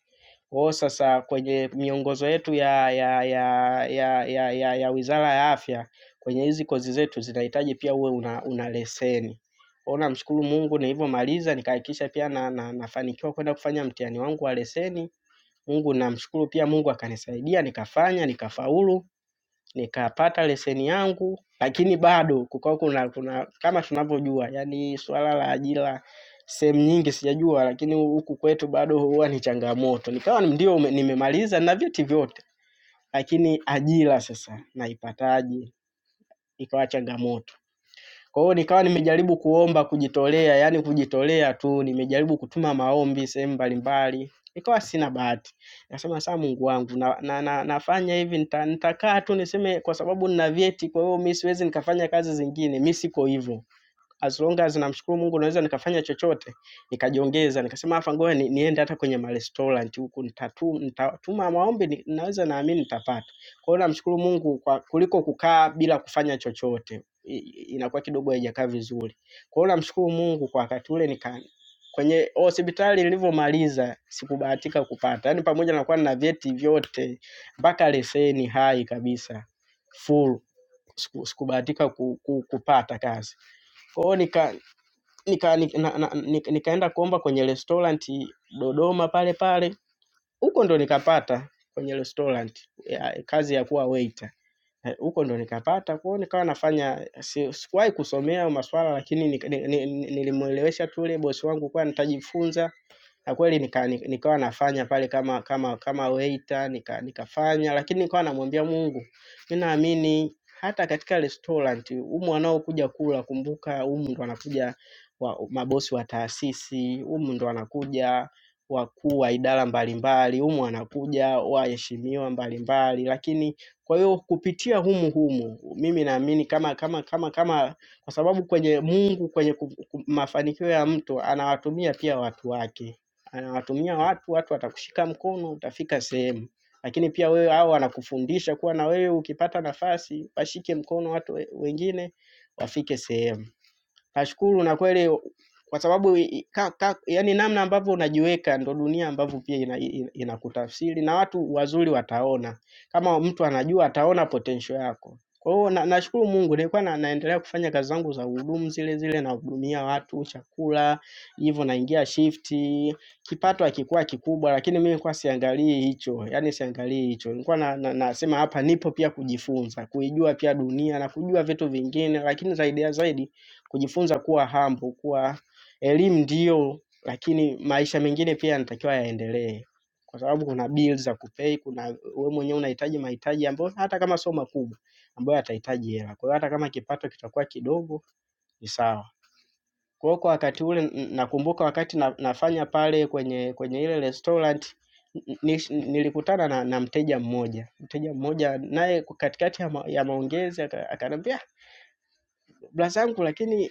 Kwa hiyo sasa kwenye miongozo yetu ya ya ya ya ya, ya, ya Wizara ya Afya kwenye hizi kozi zetu zinahitaji pia uwe una, una leseni. Kwa hiyo namshukuru Mungu nilivyomaliza nikahakikisha pia na, na, nafanikiwa kwenda kufanya mtihani wangu wa leseni. Mungu namshukuru pia Mungu akanisaidia nikafanya nikafaulu nikapata leseni yangu, lakini bado kukawa kuna, kuna kama tunavyojua, yani swala la ajira sehemu nyingi sijajua, lakini huku kwetu bado huwa ni changamoto. Nikawa ndio ume- nimemaliza na vyeti vyote, lakini ajira sasa naipataje? Ikawa changamoto. Kwa hiyo nikawa nimejaribu kuomba kujitolea, yaani kujitolea tu, nimejaribu kutuma maombi sehemu mbalimbali. Nikawa sina bahati. Nasema sasa Mungu wangu na, na, na, nafanya hivi nita, nitakaa tu niseme kwa sababu nina vyeti kwa hiyo mimi siwezi nikafanya kazi zingine, mimi siko hivyo as long as namshukuru Mungu naweza nikafanya chochote, nikajiongeza, nikasema hapa ngoja ni, niende hata kwenye ma restaurant huku nitatu nitatuma maombi ni, naweza naamini nitapata. Kwa hiyo namshukuru Mungu kwa kuliko kukaa bila kufanya chochote I- i- inakuwa kidogo haijakaa vizuri. Kwa hiyo namshukuru Mungu kwa wakati ule nika kwenye hospitali nilivyomaliza sikubahatika kupata, yaani pamoja na kuwa nina vyeti vyote mpaka leseni hai kabisa full, siku- sikubahatika ku, ku, kupata kazi. Kwa hiyo nika nika, nika, na, na, nika, nikaenda kuomba kwenye restaurant Dodoma pale pale, huko ndo nikapata kwenye restaurant ya, kazi ya kuwa waiter Eh, huko ndo nikapata kwao, nikawa nafanya si- sikuwahi kusomea hayo maswala, lakini nik- ni- ni- nilimwelewesha tu yule bosi wangu kuwa nitajifunza na kweli nika, nika, nikawa nafanya pale kama kama kama waiter nika, nikafanya, lakini nikawa namwambia Mungu, mimi naamini hata katika restaurant humu wanaokuja kula, kumbuka humu ndo wanakuja wa, mabosi wa taasisi, humu ndo wanakuja wakuu wa idara mbalimbali, humu wanakuja waheshimiwa mbalimbali, lakini kwa hiyo kupitia humu humu mimi naamini kama kama kama kama kwa sababu kwenye Mungu kwenye ku- ku- mafanikio ya mtu anawatumia pia watu wake anawatumia watu, watu watakushika mkono, utafika sehemu. Lakini pia wewe, hao wanakufundisha kuwa na wewe ukipata nafasi washike mkono watu we- wengine wafike sehemu. Nashukuru na kweli kwa sababu ka, ka, yani namna ambavyo unajiweka ndo dunia ambavyo pia ina, ina, inakutafsiri na watu wazuri wataona. Kama mtu anajua ataona potential yako. Kwa hiyo na, nashukuru Mungu nilikuwa na, naendelea kufanya kazi zangu za uhudumu zile zile nahudumia watu chakula, hivyo naingia shifti. Kipato hakikuwa kikubwa lakini mimi nilikuwa siangalii hicho, yani siangalii hicho. Nilikuwa na, na, nasema hapa nipo pia kujifunza, kuijua pia dunia na kujua vitu vingine lakini zaidi ya zaidi kujifunza kuwa humble, kuwa elimu ndiyo, lakini maisha mengine pia yanatakiwa yaendelee, kwa sababu kuna bills za kupay, kuna wewe mwenyewe unahitaji mahitaji ambayo hata kama sio makubwa, ambayo yatahitaji hela. Kwa hiyo hata kama kipato kitakuwa kidogo ni sawa. Kwa hiyo kwa wakati ule n- nakumbuka wakati na, nafanya pale kwenye kwenye ile restaurant n- nish- nilikutana na, na mteja mmoja mteja mmoja naye katikati ya, ma, ya maongezi aka- akaniambia "Ah, brazangu, lakini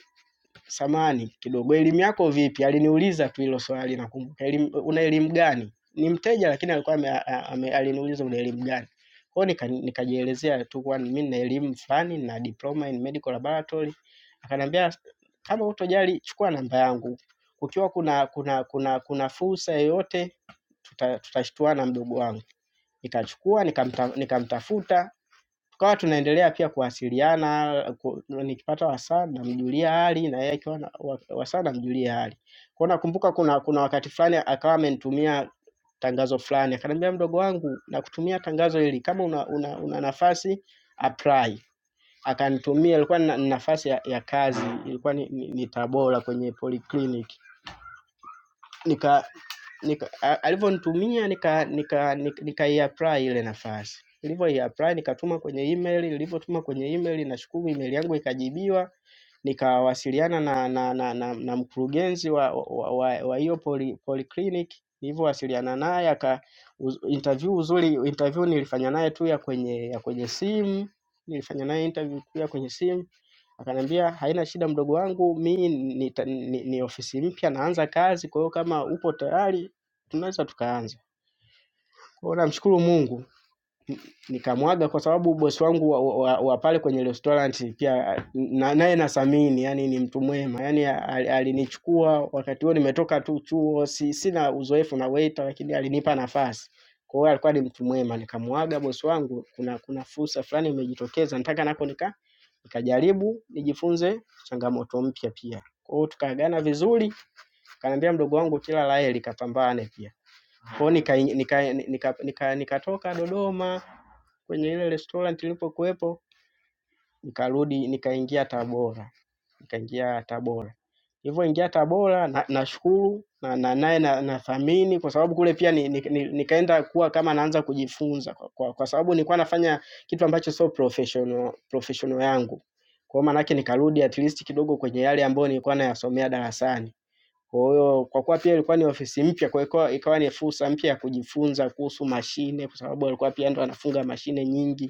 samani kidogo, elimu yako vipi? Aliniuliza tu hilo swali nakumbuka, elimu, una elimu gani? Ni mteja lakini alikuwa ame, ame, aliniuliza una elimu gani? Kwa hiyo nika- nikajielezea tu kwani mimi nina elimu fulani na diploma in medical laboratory. Akaniambia kama hutojali chukua namba yangu, kukiwa kuna kuna kuna kuna fursa yoyote tuta, tutashtuana tuta mdogo wangu. Nikachukua nikamta, nikamtafuta Tukawa tunaendelea pia kuwasiliana, ku- nikipata wasaa namjulia hali na yeye akiwa na wa- wasaa namjulia hali. Kwa hiyo nakumbuka kuna kuna wakati fulani akawa amenitumia tangazo fulani, akaniambia mdogo wangu nakutumia tangazo hili kama una, una, una nafasi apply. Akanitumia ilikuwa ni na- ni nafasi ya, ya kazi ilikuwa ni, ni, ni Tabora kwenye polyclinic. Nika nika, a- alivyonitumia nika nika nika, nika apply ile nafasi nilivyo apply nikatuma kwenye email, nilivyotuma kwenye email nashukuru email yangu ikajibiwa, nikawasiliana na na, na, na, na mkurugenzi wa wa, wa, wa hiyo poly, polyclinic nilivyowasiliana naye aka uz- interview uzuri, interview nilifanya naye tu ya kwenye ya kwenye simu, nilifanya naye interview tu ya kwenye simu Akaniambia haina shida mdogo wangu, mi ni, ni, ni ofisi mpya naanza kazi, kwa hiyo kama upo tayari tunaweza tukaanza. Kwa hiyo namshukuru Mungu nikamwaga kwa sababu bosi wangu wa, wa, wa pale kwenye restaurant pia na, naye nasamini, yani ni mtu mwema, yani al- alinichukua wakati huo nimetoka tu chuo, si, sina uzoefu na waiter, lakini alinipa nafasi. Kwa hiyo alikuwa ni mtu mwema, nikamwaga bosi wangu, kuna kuna fursa fulani imejitokeza, nataka nako nika nikajaribu nijifunze changamoto mpya pia. Kwa hiyo tukaagana vizuri, kaniambia mdogo wangu kila la heri, kapambane pia. Kwa hiyo nika, nika, nika, nika, nika, nikatoka Dodoma kwenye ile restaurant nilipokuwepo, nikarudi nikaingia Tabora, nikaingia Tabora. Nilivyoingia Tabora na- nashukuru na na naye na, na, nathamini na kwa sababu kule pia ni, ni, ni, nikaenda kuwa kama naanza kujifunza kwa, kwa, kwa sababu nilikuwa nafanya kitu ambacho sio professional, professional yangu. Kwa hiyo maanake nikarudi at least kidogo kwenye yale ambayo nilikuwa nayasomea darasani. Kwa hiyo kwa kuwa pia ilikuwa ni ofisi mpya, kwa hiyo ikawa ikawa ni fursa mpya ya kujifunza kuhusu mashine, kwa sababu alikuwa pia ndo anafunga mashine nyingi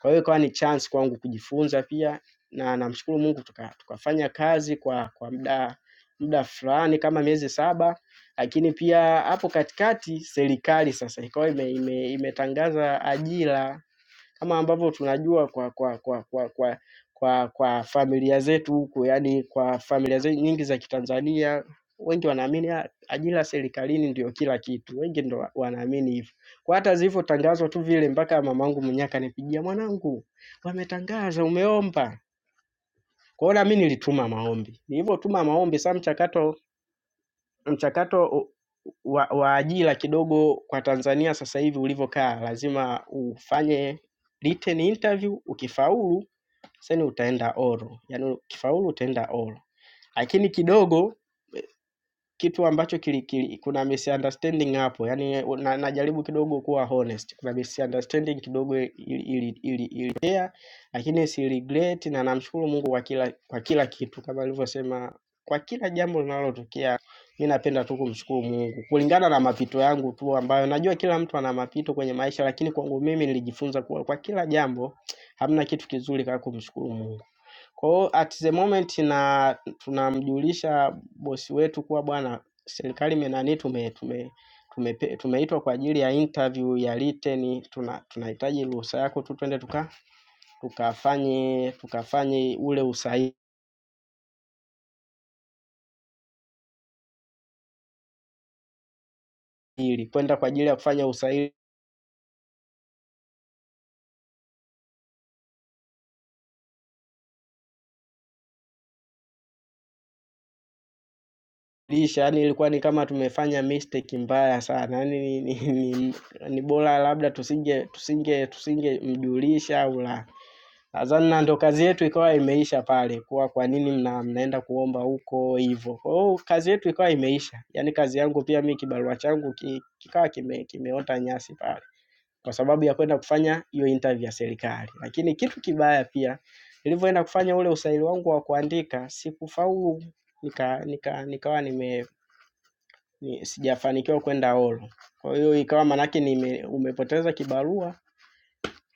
kwa hiyo ikawa ni chance kwangu kujifunza pia na namshukuru Mungu tuka tukafanya kazi kwa kwa muda muda fulani kama miezi saba, lakini pia hapo katikati serikali sasa ikawa ime ime imetangaza ajira kama ambavyo tunajua kwa kwa kwa kwa kwa kwa, kwa familia zetu huku, yani kwa familia zetu nyingi za Kitanzania wengi wanaamini "Ah, ajira serikalini ndio kila kitu, wengi ndo wa- wanaamini hivyo. Kwa hata zilivyotangazwa tu vile, mpaka mamangu mwenyewe akanipigia, mwanangu, wametangaza, umeomba. Kwa hiyo na mimi nilituma maombi. Nilivyotuma maombi, sasa mchakato mchakato wa, wa ajira kidogo kwa Tanzania sasa hivi ulivyokaa, lazima ufanye written interview, ukifaulu seni utaenda oral, yaani ukifaulu utaenda oral. Lakini kidogo kitu ambacho kili, kili, kuna misunderstanding hapo, yaani na, najaribu kidogo kuwa honest. Kuna misunderstanding kidogo ili ili ili ilitokea, lakini si regret na namshukuru Mungu kwa kila kwa kila kitu kama alivyosema kwa kila jambo linalotokea mi napenda tu kumshukuru Mungu kulingana na mapito yangu tu, ambayo najua kila mtu ana mapito kwenye maisha, lakini kwangu mimi nilijifunza kuwa kwa kila jambo hamna kitu kizuri kama kumshukuru Mungu. Kwa hiyo at the moment na tunamjulisha bosi wetu kuwa bwana, serikali imenani tume, tume, tume, tumeitwa tume kwa ajili ya interview ya written, tuna tunahitaji ruhusa yako tu twende tuka tukafanye tukafanye ule usahili, kwenda kwa ajili ya kufanya usahilisha. Yani ilikuwa ni kama tumefanya mistake mbaya sana, yani ni, ni, ni, ni bora labda tusinge tusinge tusingemjulisha au la. Nadhani na ndo kazi yetu ikawa imeisha pale, kuwa kwa nini mna, mnaenda kuomba huko hivyo. Kwa hiyo kazi yetu ikawa imeisha, yaani kazi yangu pia mi kibarua changu ki, kikawa kime, kimeota nyasi pale kwa sababu ya kwenda kufanya hiyo interview ya serikali. Lakini kitu kibaya pia, nilivyoenda kufanya ule usaili wangu wa kuandika sikufaulu, nika, nika, nikawa nime ni, sijafanikiwa kwenda holo. Kwa hiyo ikawa manake nime, umepoteza kibarua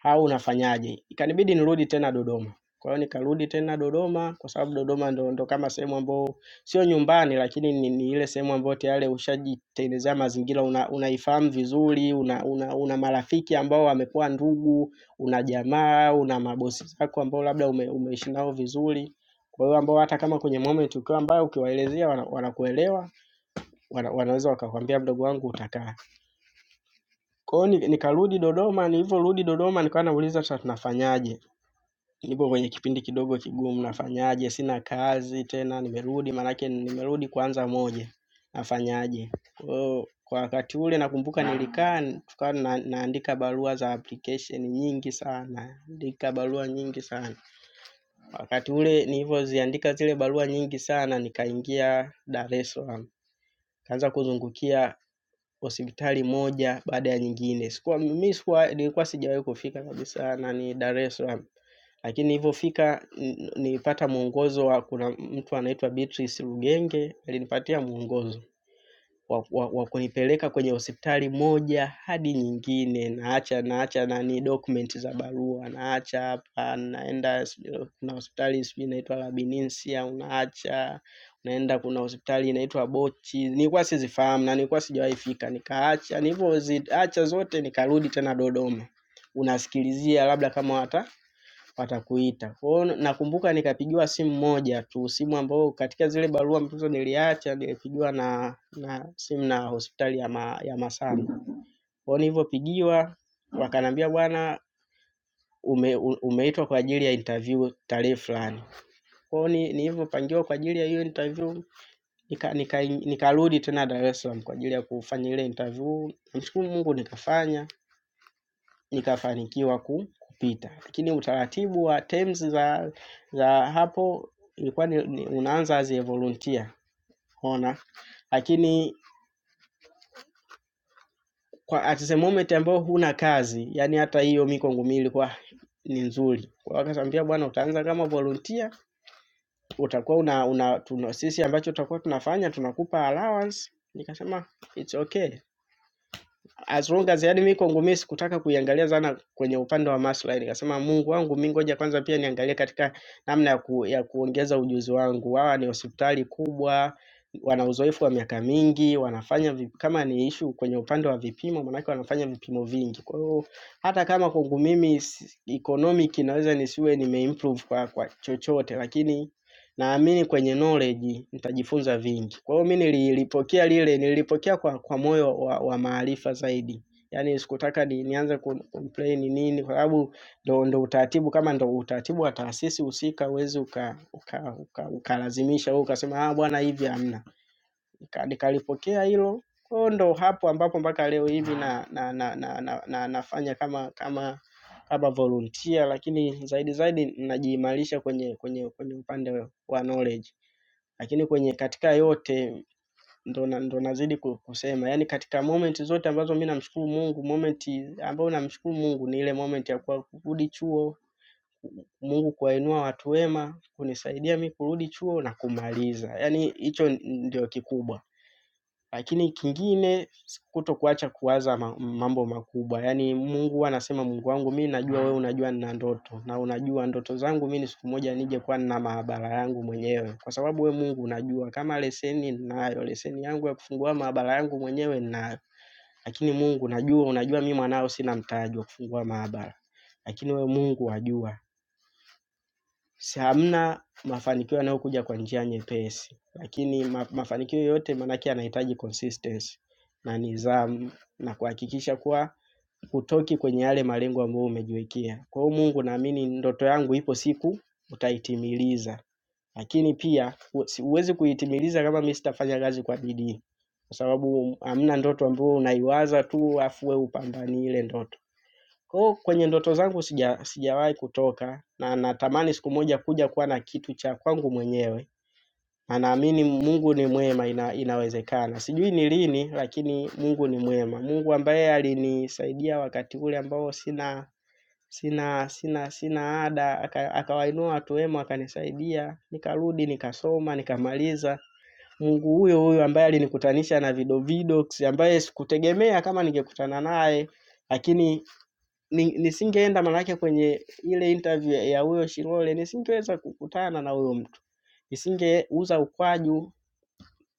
au unafanyaje? Ikanibidi nirudi tena Dodoma. Kwa hiyo nikarudi tena Dodoma kwa sababu Dodoma ndo, ndo kama sehemu ambayo sio nyumbani, lakini ni, ni ile sehemu ambayo tayari ushajitengenezea mazingira, una, unaifahamu vizuri, una, una, una marafiki ambao wamekuwa ndugu, una jamaa, una mabosi zako ambao labda ume, umeishi nao vizuri. Kwa hiyo ambao hata kama kwenye moment ukiwa mbaya ukiwaelezea wana- wanakuelewa, wana, wanaweza wakakwambia mdogo wangu utakaa. Kwa hiyo ni- nikarudi Dodoma, nilivyorudi Dodoma nikawa nauliza sasa tunafanyaje? nipo kwenye kipindi kidogo kigumu, nafanyaje? Sina kazi tena, nimerudi maanake nimerudi kuanza moja, nafanyaje? Kwa hiyo kwa wakati ule nakumbuka nilikaa tukawa na, naandika barua za application nyingi sana, naandika barua nyingi sana. Wakati ule nilivyoziandika zile barua nyingi sana, nikaingia Dar es Salaam, kaanza kuzungukia hospitali moja baada ya nyingine. Sikuwa mimi sikuwa nilikuwa sijawahi kufika kabisa nani Dar es Salaam. Lakini nilivyofika n- nilipata mwongozo wa kuna mtu anaitwa Beatrice Rugenge alinipatia mwongozo wa, wa, wa kunipeleka kwenye hospitali moja hadi nyingine, naacha naacha nani document za barua, naacha hapa naenda sijui- kuna hospitali sijui inaitwa Labininsia, unaacha unaenda, kuna hospitali inaitwa Bochi, nilikuwa sizifahamu na nilikuwa sijawahi fika, nikaacha. Nilivyoziacha zote nikarudi tena Dodoma, unasikilizia labda kama wata watakuita. Kwa hiyo nakumbuka nikapigiwa simu moja tu, simu ambayo katika zile barua mtoto niliacha nilipigiwa na na simu na hospitali ya ma, ya Masamba. Kwa hiyo nilivyopigiwa wakaniambia bwana ume, u- umeitwa kwa ajili ya interview tarehe fulani. Kwa hiyo ni- nilivyopangiwa kwa ajili ya hiyo interview nika nika- nikarudi nika tena Dar es Salaam kwa ajili ya kufanya ile interview. Namshukuru Mungu nikafanya. nikafanikiwa ku- kupita. Lakini utaratibu wa terms za za hapo ilikuwa ni, ni unaanza as a volunteer ona, lakini kwa at the moment ambao huna kazi, yani hata hiyo miko ngumi ilikuwa ni nzuri. Kwa hiyo akasambia bwana, utaanza kama volunteer, utakuwa una, una tuna, sisi ambacho tutakuwa tunafanya tunakupa allowance. Nikasema it's okay, as long as yani mimi kwangu mimi sikutaka kuiangalia sana kwenye upande wa maslahi, nikasema Mungu wangu mimi, ngoja kwanza pia niangalie katika namna ya, ku, ya kuongeza ujuzi wangu. Hawa ni hospitali kubwa, wana uzoefu wa miaka mingi, wanafanya vip, kama ni ishu kwenye upande wa vipimo, maanake wanafanya vipimo vingi. Kwa hiyo hata kama kwangu mimi si- economic inaweza nisiwe nimeimprove kwa, kwa chochote lakini naamini kwenye knowledge nitajifunza vingi. Kwa hiyo mimi nilipokea lile, nilipokea kwa, kwa moyo wa, wa maarifa zaidi. Yaani sikutaka ni, nianze ku- kumplain nini, kwa sababu ndo, ndo utaratibu kama ndo utaratibu wa taasisi husika, huwezi uka, ukalazimisha uka, uka, ukalazimisha wewe ukasema ah, bwana hivi hamna. Nika- Nikalipokea hilo kwa hiyo ndo hapo ambapo mpaka leo hivi na, na, na, na, na, na, nafanya kama kama kama volunteer, lakini zaidi zaidi najiimarisha kwenye kwenye kwenye upande wa knowledge. Lakini kwenye katika yote ndo, na, ndo nazidi ku- kusema yani, katika moment zote ambazo mi namshukuru Mungu, moment ambayo namshukuru Mungu ni ile moment ya kuwa kurudi chuo, Mungu kuwainua watu wema, kunisaidia mi kurudi chuo na kumaliza. Yani hicho ndio kikubwa. Lakini kingine kutokuacha kuwaza ma- mambo makubwa, yaani Mungu huwa anasema, Mungu wangu mi najua wewe unajua nina ndoto na unajua ndoto zangu mi ni siku moja nije kuwa nina maabara yangu mwenyewe, kwa sababu we Mungu unajua kama leseni ninayo, leseni yangu ya kufungua maabara yangu mwenyewe ninayo, lakini Mungu najua, unajua mi mwanao sina mtaji wa kufungua maabara, lakini we Mungu wajua si hamna mafanikio yanayokuja kwa njia nyepesi, lakini ma, mafanikio yote maanake yanahitaji consistency na nidhamu na kuhakikisha kuwa hutoki kwenye yale malengo ambayo umejiwekea. Kwa hiyo Mungu, naamini ndoto yangu ipo siku utaitimiliza, lakini pia hu- si- huwezi kuitimiliza kama mimi sitafanya kazi kwa bidii, kwa sababu hamna ndoto ambayo unaiwaza tu afu wewe upambanie ile ndoto. Kwa hiyo kwenye ndoto zangu sija sijawahi kutoka na natamani siku moja kuja kuwa na kitu cha kwangu mwenyewe na naamini Mungu ni mwema ina, inawezekana. Sijui ni lini lakini Mungu ni mwema. Mungu ambaye alinisaidia wakati ule ambao sina sina sina sina ada aka, akawainua watu wema akanisaidia, nikarudi nikasoma nikamaliza. Mungu huyo huyo ambaye alinikutanisha na Vido Vidox ambaye sikutegemea kama ningekutana naye lakini ni nisingeenda maanake kwenye ile interview ya ya huyo Shilole nisingeweza kukutana na huyo mtu. Nisingeuza ukwaju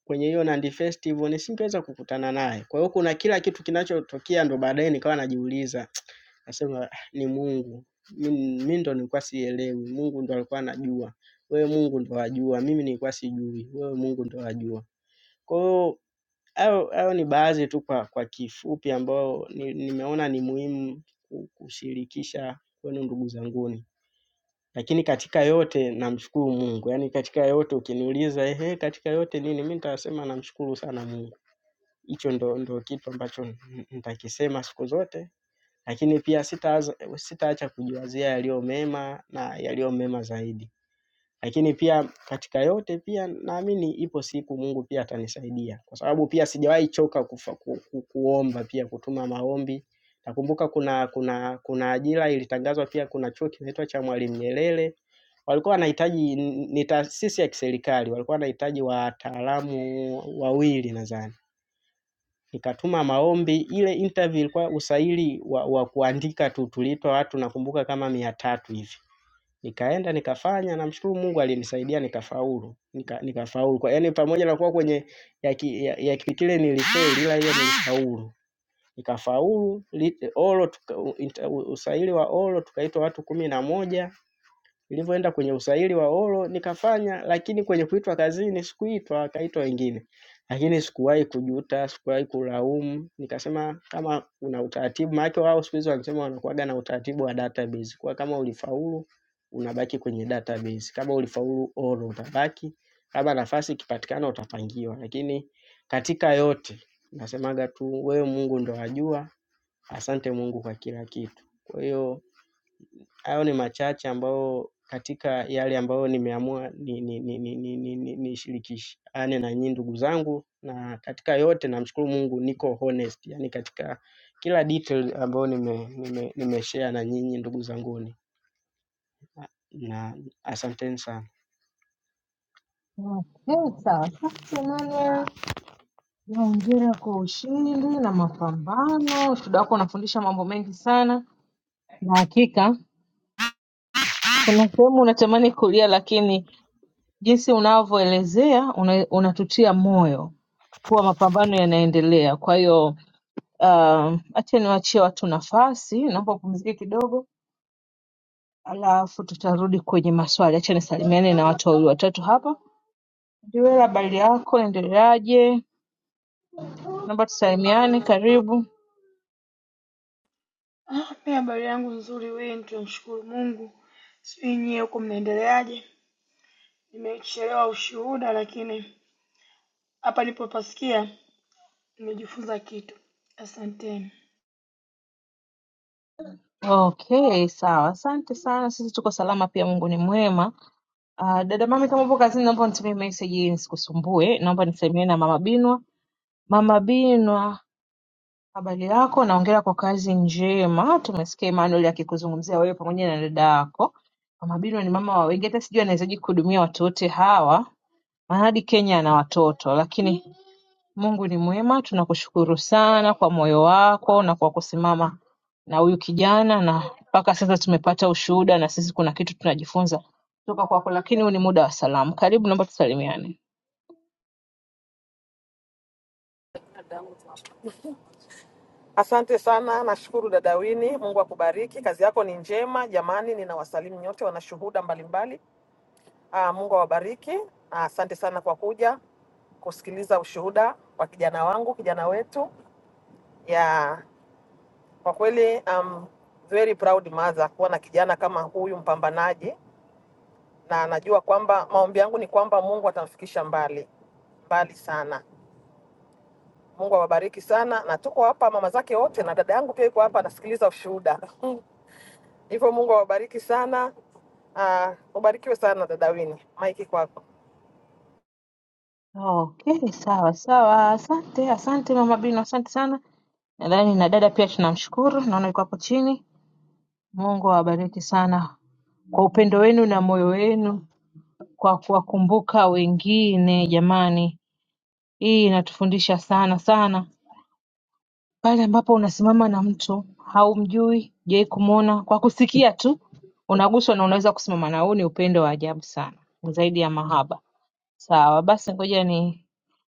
kwenye hiyo Nandi Festival nisingeweza kukutana naye. Kwa hiyo kuna kila kitu kinachotokea ndo baadaye nikawa najiuliza nasema "Ah, ni Mungu. Mimi mimi ndo nilikuwa sielewi, Mungu ndo alikuwa anajua. Wewe Mungu ndo wajua, mimi nilikuwa sijui, wewe Mungu ndo wajua. Kwa hiyo Hayo hayo ni baadhi tu kwa kwa kifupi ambao ni nimeona ni muhimu ku kushirikisha kwenu ndugu zanguni. Lakini katika yote namshukuru Mungu, yaani katika yote ukiniuliza, ehe, katika yote nini, mi nitasema namshukuru sana Mungu. Hicho ndo ndo kitu ambacho n- n- nitakisema siku zote, lakini pia sitaaza sitaacha kujiwazia yaliyo mema na yaliyo mema zaidi. Lakini pia katika yote pia naamini ipo siku Mungu pia atanisaidia, kwa sababu pia sijawahi choka kufa, ku, ku, kuomba pia kutuma maombi. Nakumbuka kuna kuna kuna ajira ilitangazwa pia, kuna chuo kinaitwa cha Mwalimu Nyerere walikuwa wanahitaji, ni ni taasisi ya kiserikali, walikuwa wanahitaji wataalamu wawili nadhani nikatuma maombi. Ile interview ilikuwa usaili wa, wa kuandika tu, tuliitwa watu nakumbuka kama mia tatu hivi. Nikaenda nikafanya namshukuru Mungu alinisaidia nikafaulu. Nika, nikafaulu. Kwa yani pamoja na kuwa kwenye ya, ki, ya, ya kipekile nilifeli ila hiyo nilifaulu. Nikafaulu li, olo tuka, u- inter- u- usaili wa olo tukaitwa watu kumi na moja Nilivyoenda kwenye usaili wa olo nikafanya, lakini kwenye kuitwa kazini sikuitwa, wakaitwa wengine, lakini sikuwahi kujuta, sikuwahi kulaumu. Nikasema kama una utaratibu, maanake wao siku hizi wanasema wanakuwaga na utaratibu wa database, kwa kama ulifaulu unabaki kwenye database, kama ulifaulu olo utabaki, kama nafasi ikipatikana utapangiwa. Lakini katika yote nasemaga tu wewe Mungu ndo ajua, asante Mungu kwa kila kitu. Kwa hiyo Hayo ni machache ambayo katika yale ambayo nimeamua ni- ni- ni- ni- ni- ni- ni- nishirikishane na nyinyi ndugu zangu, na katika yote namshukuru Mungu niko honest, yani katika kila detail ambayo nime, nime, nimeshare na nyinyi ndugu zanguni, na asanteni sana. Okay, sawa. Asante Emmanuel. Naongera kwa ushindi na mapambano. Ushuhuda wako unafundisha mambo mengi sana, na hakika Kuna sehemu unatamani kulia lakini jinsi unavyoelezea una, unatutia moyo kuwa mapambano yanaendelea. Kwa hiyo uh, acha niwachie watu nafasi, naomba upumzike kidogo, alafu tutarudi kwenye maswali. Acha nisalimiane na watu wawili watatu hapa. Ndiwela, habari yako? Endeleaje? Naomba tusalimiane, karibu. Ah, mimi habari yangu nzuri wewe, tunamshukuru Mungu. Sijui nyie huko mnaendeleaje? Nimechelewa ushuhuda, lakini hapa nilipopasikia nimejifunza kitu. Asanteni. Okay, sawa. Asante sana. Sisi tuko salama pia, Mungu ni mwema. Uh, dada Mami, kama upo kazini, naomba unitumie message ili nisikusumbue. Naomba nisalimie na Mama Binwa. Mama Binwa, habari yako? Naongera kwa kazi njema. Tumesikia Emmanuel akikuzungumzia wewe pamoja na dada yako. Mama Binwa ni mama wa wengi, hata sijui anawezaje kuhudumia watu wote hawa hadi Kenya na watoto Lakini Mungu ni mwema tunakushukuru sana kwa moyo wako na kwa kusimama na huyu kijana na mpaka sasa tumepata ushuhuda na sisi kuna kitu tunajifunza kutoka kwako lakini huu ni muda wa salamu karibu naomba tusalimiane Asante sana, nashukuru dada Wini. Mungu akubariki, kazi yako ni njema. Jamani, ninawasalimu nyote wanashuhuda mbalimbali. Ah, Mungu awabariki. Ah, Asante sana kwa kuja kusikiliza ushuhuda wa kijana wangu, kijana wetu. Ya kwa kweli, um, very proud mother kuwa na kijana kama huyu mpambanaji, na najua kwamba maombi yangu ni kwamba Mungu atamfikisha mbali mbali sana. Mungu awabariki sana, na tuko hapa mama zake wote na dada yangu pia yuko hapa anasikiliza ushuhuda. Hivyo Mungu awabariki sana. Uh, ubarikiwe sana dada Wini, maiki kwako. Okay, sawa sawa. Asante, asante Mama Bino, asante sana. Nadhani na dada pia tunamshukuru, naona yuko hapo chini. Mungu awabariki sana kwa upendo wenu na moyo wenu kwa kuwakumbuka wengine jamani hii inatufundisha sana sana pale ambapo unasimama na mtu haumjui jai kumwona kwa kusikia tu unaguswa na unaweza kusimama na huu ni upendo wa ajabu sana zaidi ya mahaba sawa basi ngoja ni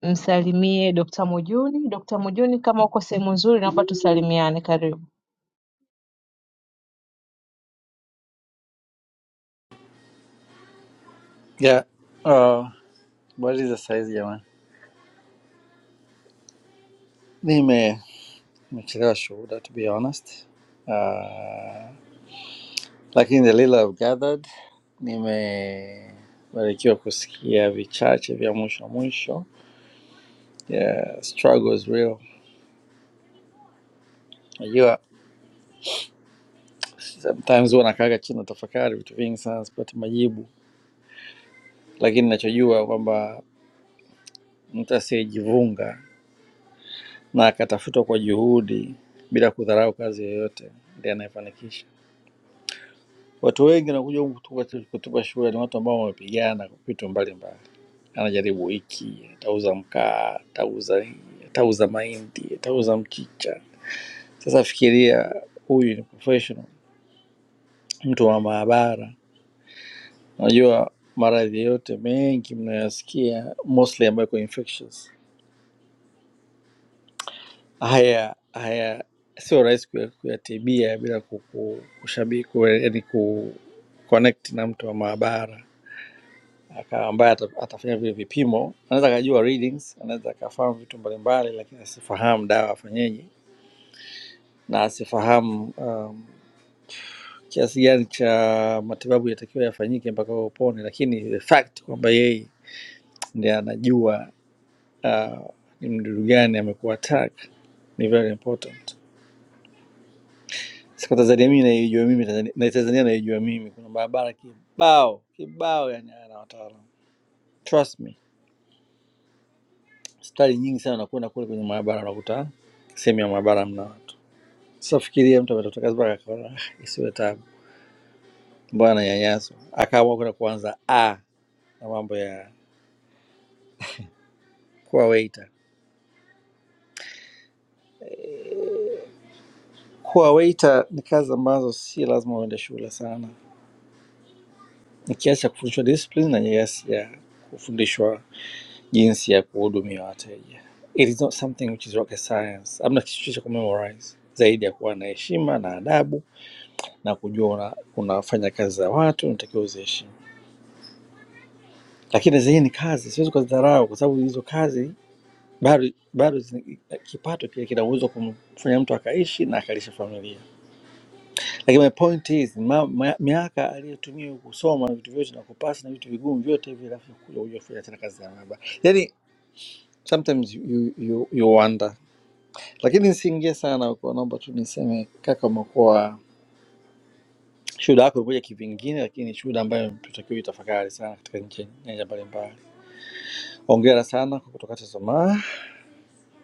msalimie dokta mujuni dokta mujuni kama uko sehemu nzuri naomba tusalimiane karibu Yeah. Uh, habari za saizi jamani, nime nimechelewa shuhuda to be honest. Uh, lakini the little I've gathered nimebarikiwa kusikia vichache vya mwisho mwisho. Yeah, struggle is real. Najua sometimes huwa nakaga chini tafakari vitu vingi sana sipati majibu, lakini ninachojua kwamba mtu asiyejivunga na akatafutwa kwa juhudi bila kudharau kazi yoyote ndiye anayefanikisha. Watu wengi wanakuja huku kutoka, kutoka shule ni watu ambao wamepigana vitu mbalimbali. Anajaribu hiki, atauza mkaa, atauza hii, atauza mahindi, atauza mchicha. Sasa fikiria, huyu ni professional, mtu wa maabara. Unajua maradhi yote mengi mnayoyasikia mostly ambayo iko infectious, haya haya sio rahisi kuya- kuyatibia bila kushabiki, yani ku connect na mtu wa maabara aka- ambaye ata- atafanya vile vipimo, anaweza akajua readings, anaweza akafahamu vitu mbalimbali, lakini asifahamu dawa afanyeje na asifahamu um, kiasi gani cha matibabu yatakiwa yafanyike mpaka wewe upone, lakini the fact kwamba yeye ndiye anajua uh, ni mdudu gani amekuwa attack ni very important. Sasa kwa Tanzania mimi naijua mimi Tanzania- na Tanzania naijua mimi, kuna barabara kibao kibao, yani ana wataalamu trust me Hospitali nyingi sana nakwenda kule kwenye maabara, unakuta sehemu ya maabara mna watu. Sasa fikiria mtu ametoka kazi mpaka akaona "Ah, isiwe tabu, mbona ananyanyaswa, akaamua kwenda kuanza a na mambo ya kuwa waiter. Kuwa waiter ni kazi ambazo si lazima uende shule sana, ni kiasi cha kufundishwa discipline na kiasi ya kufundishwa jinsi ya kuhudumia wateja. It is not something which is rocket science, hamna kitu cha kumemorize zaidi ya kuwa na heshima na adabu na kujua una- unafanya kazi za watu, unatakiwa uziheshimu. lakini zenyewe ni kazi, siwezi kuzidharau kwa sababu hizo kazi bado bado zina- kipato pia kina uwezo wa kumfanya mtu akaishi na akalisha familia. Lakini my point is ma, ma, miaka aliyotumia kusoma na vitu vyote na kupasi na vitu vigumu vyote hivi, alafu kuja kuja kufanya tena kazi ya maabara, yani sometimes you, you, you, you wonder. Lakini nisiingie sana huko, naomba tu niseme kaka, umekuwa shuhuda yako imekuja kivingine, lakini ni shuhuda ambayo tunatakiwa itafakari sana katika nchi- nyanja mbalimbali. Hongera sana kwa kutokata tamaa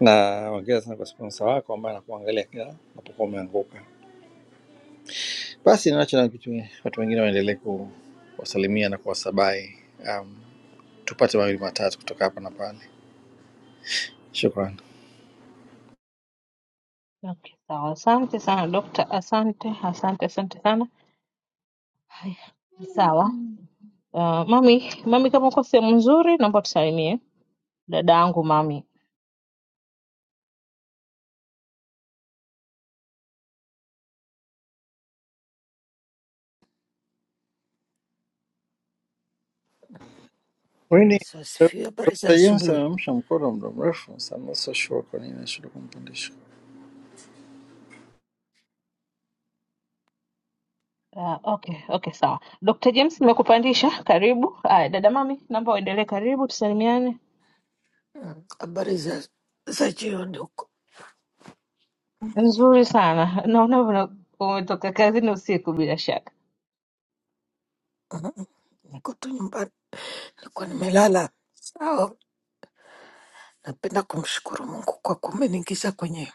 na ongera sana kwa sponsa wako ambaye anakuangalia kila unapokuwa umeanguka. Basi naacho na kitu, watu wengine waendelee kuwasalimia na kuwasabai. Um, tupate mawili matatu kutoka hapa na pale. Shukran. okay, sawa asante sana dokta asante asante asante sana haya sawa Uh, mami, mami kama uko sehemu nzuri naomba tusalimie dada yangu mami. Bwana Rini, Yesu asifiwe. Dr. Habari za James asubuhi. amemsha mkono muda mrefu. so I'm not so sure kwa nini nashindwa kumpandisha. Uh, okay, okay sawa. Dr. James nimekupandisha, karibu. Haya, dada mami, naomba uendelee karibu tusalimiane. Mm, Habari za za jioni huko. Nzuri sana. Naona una- umetoka kazini usiku bila shaka. Mm, Niko tu nyumbani, nilikuwa nimelala. Sawa, napenda kumshukuru Mungu kwa kumeniingiza kwenye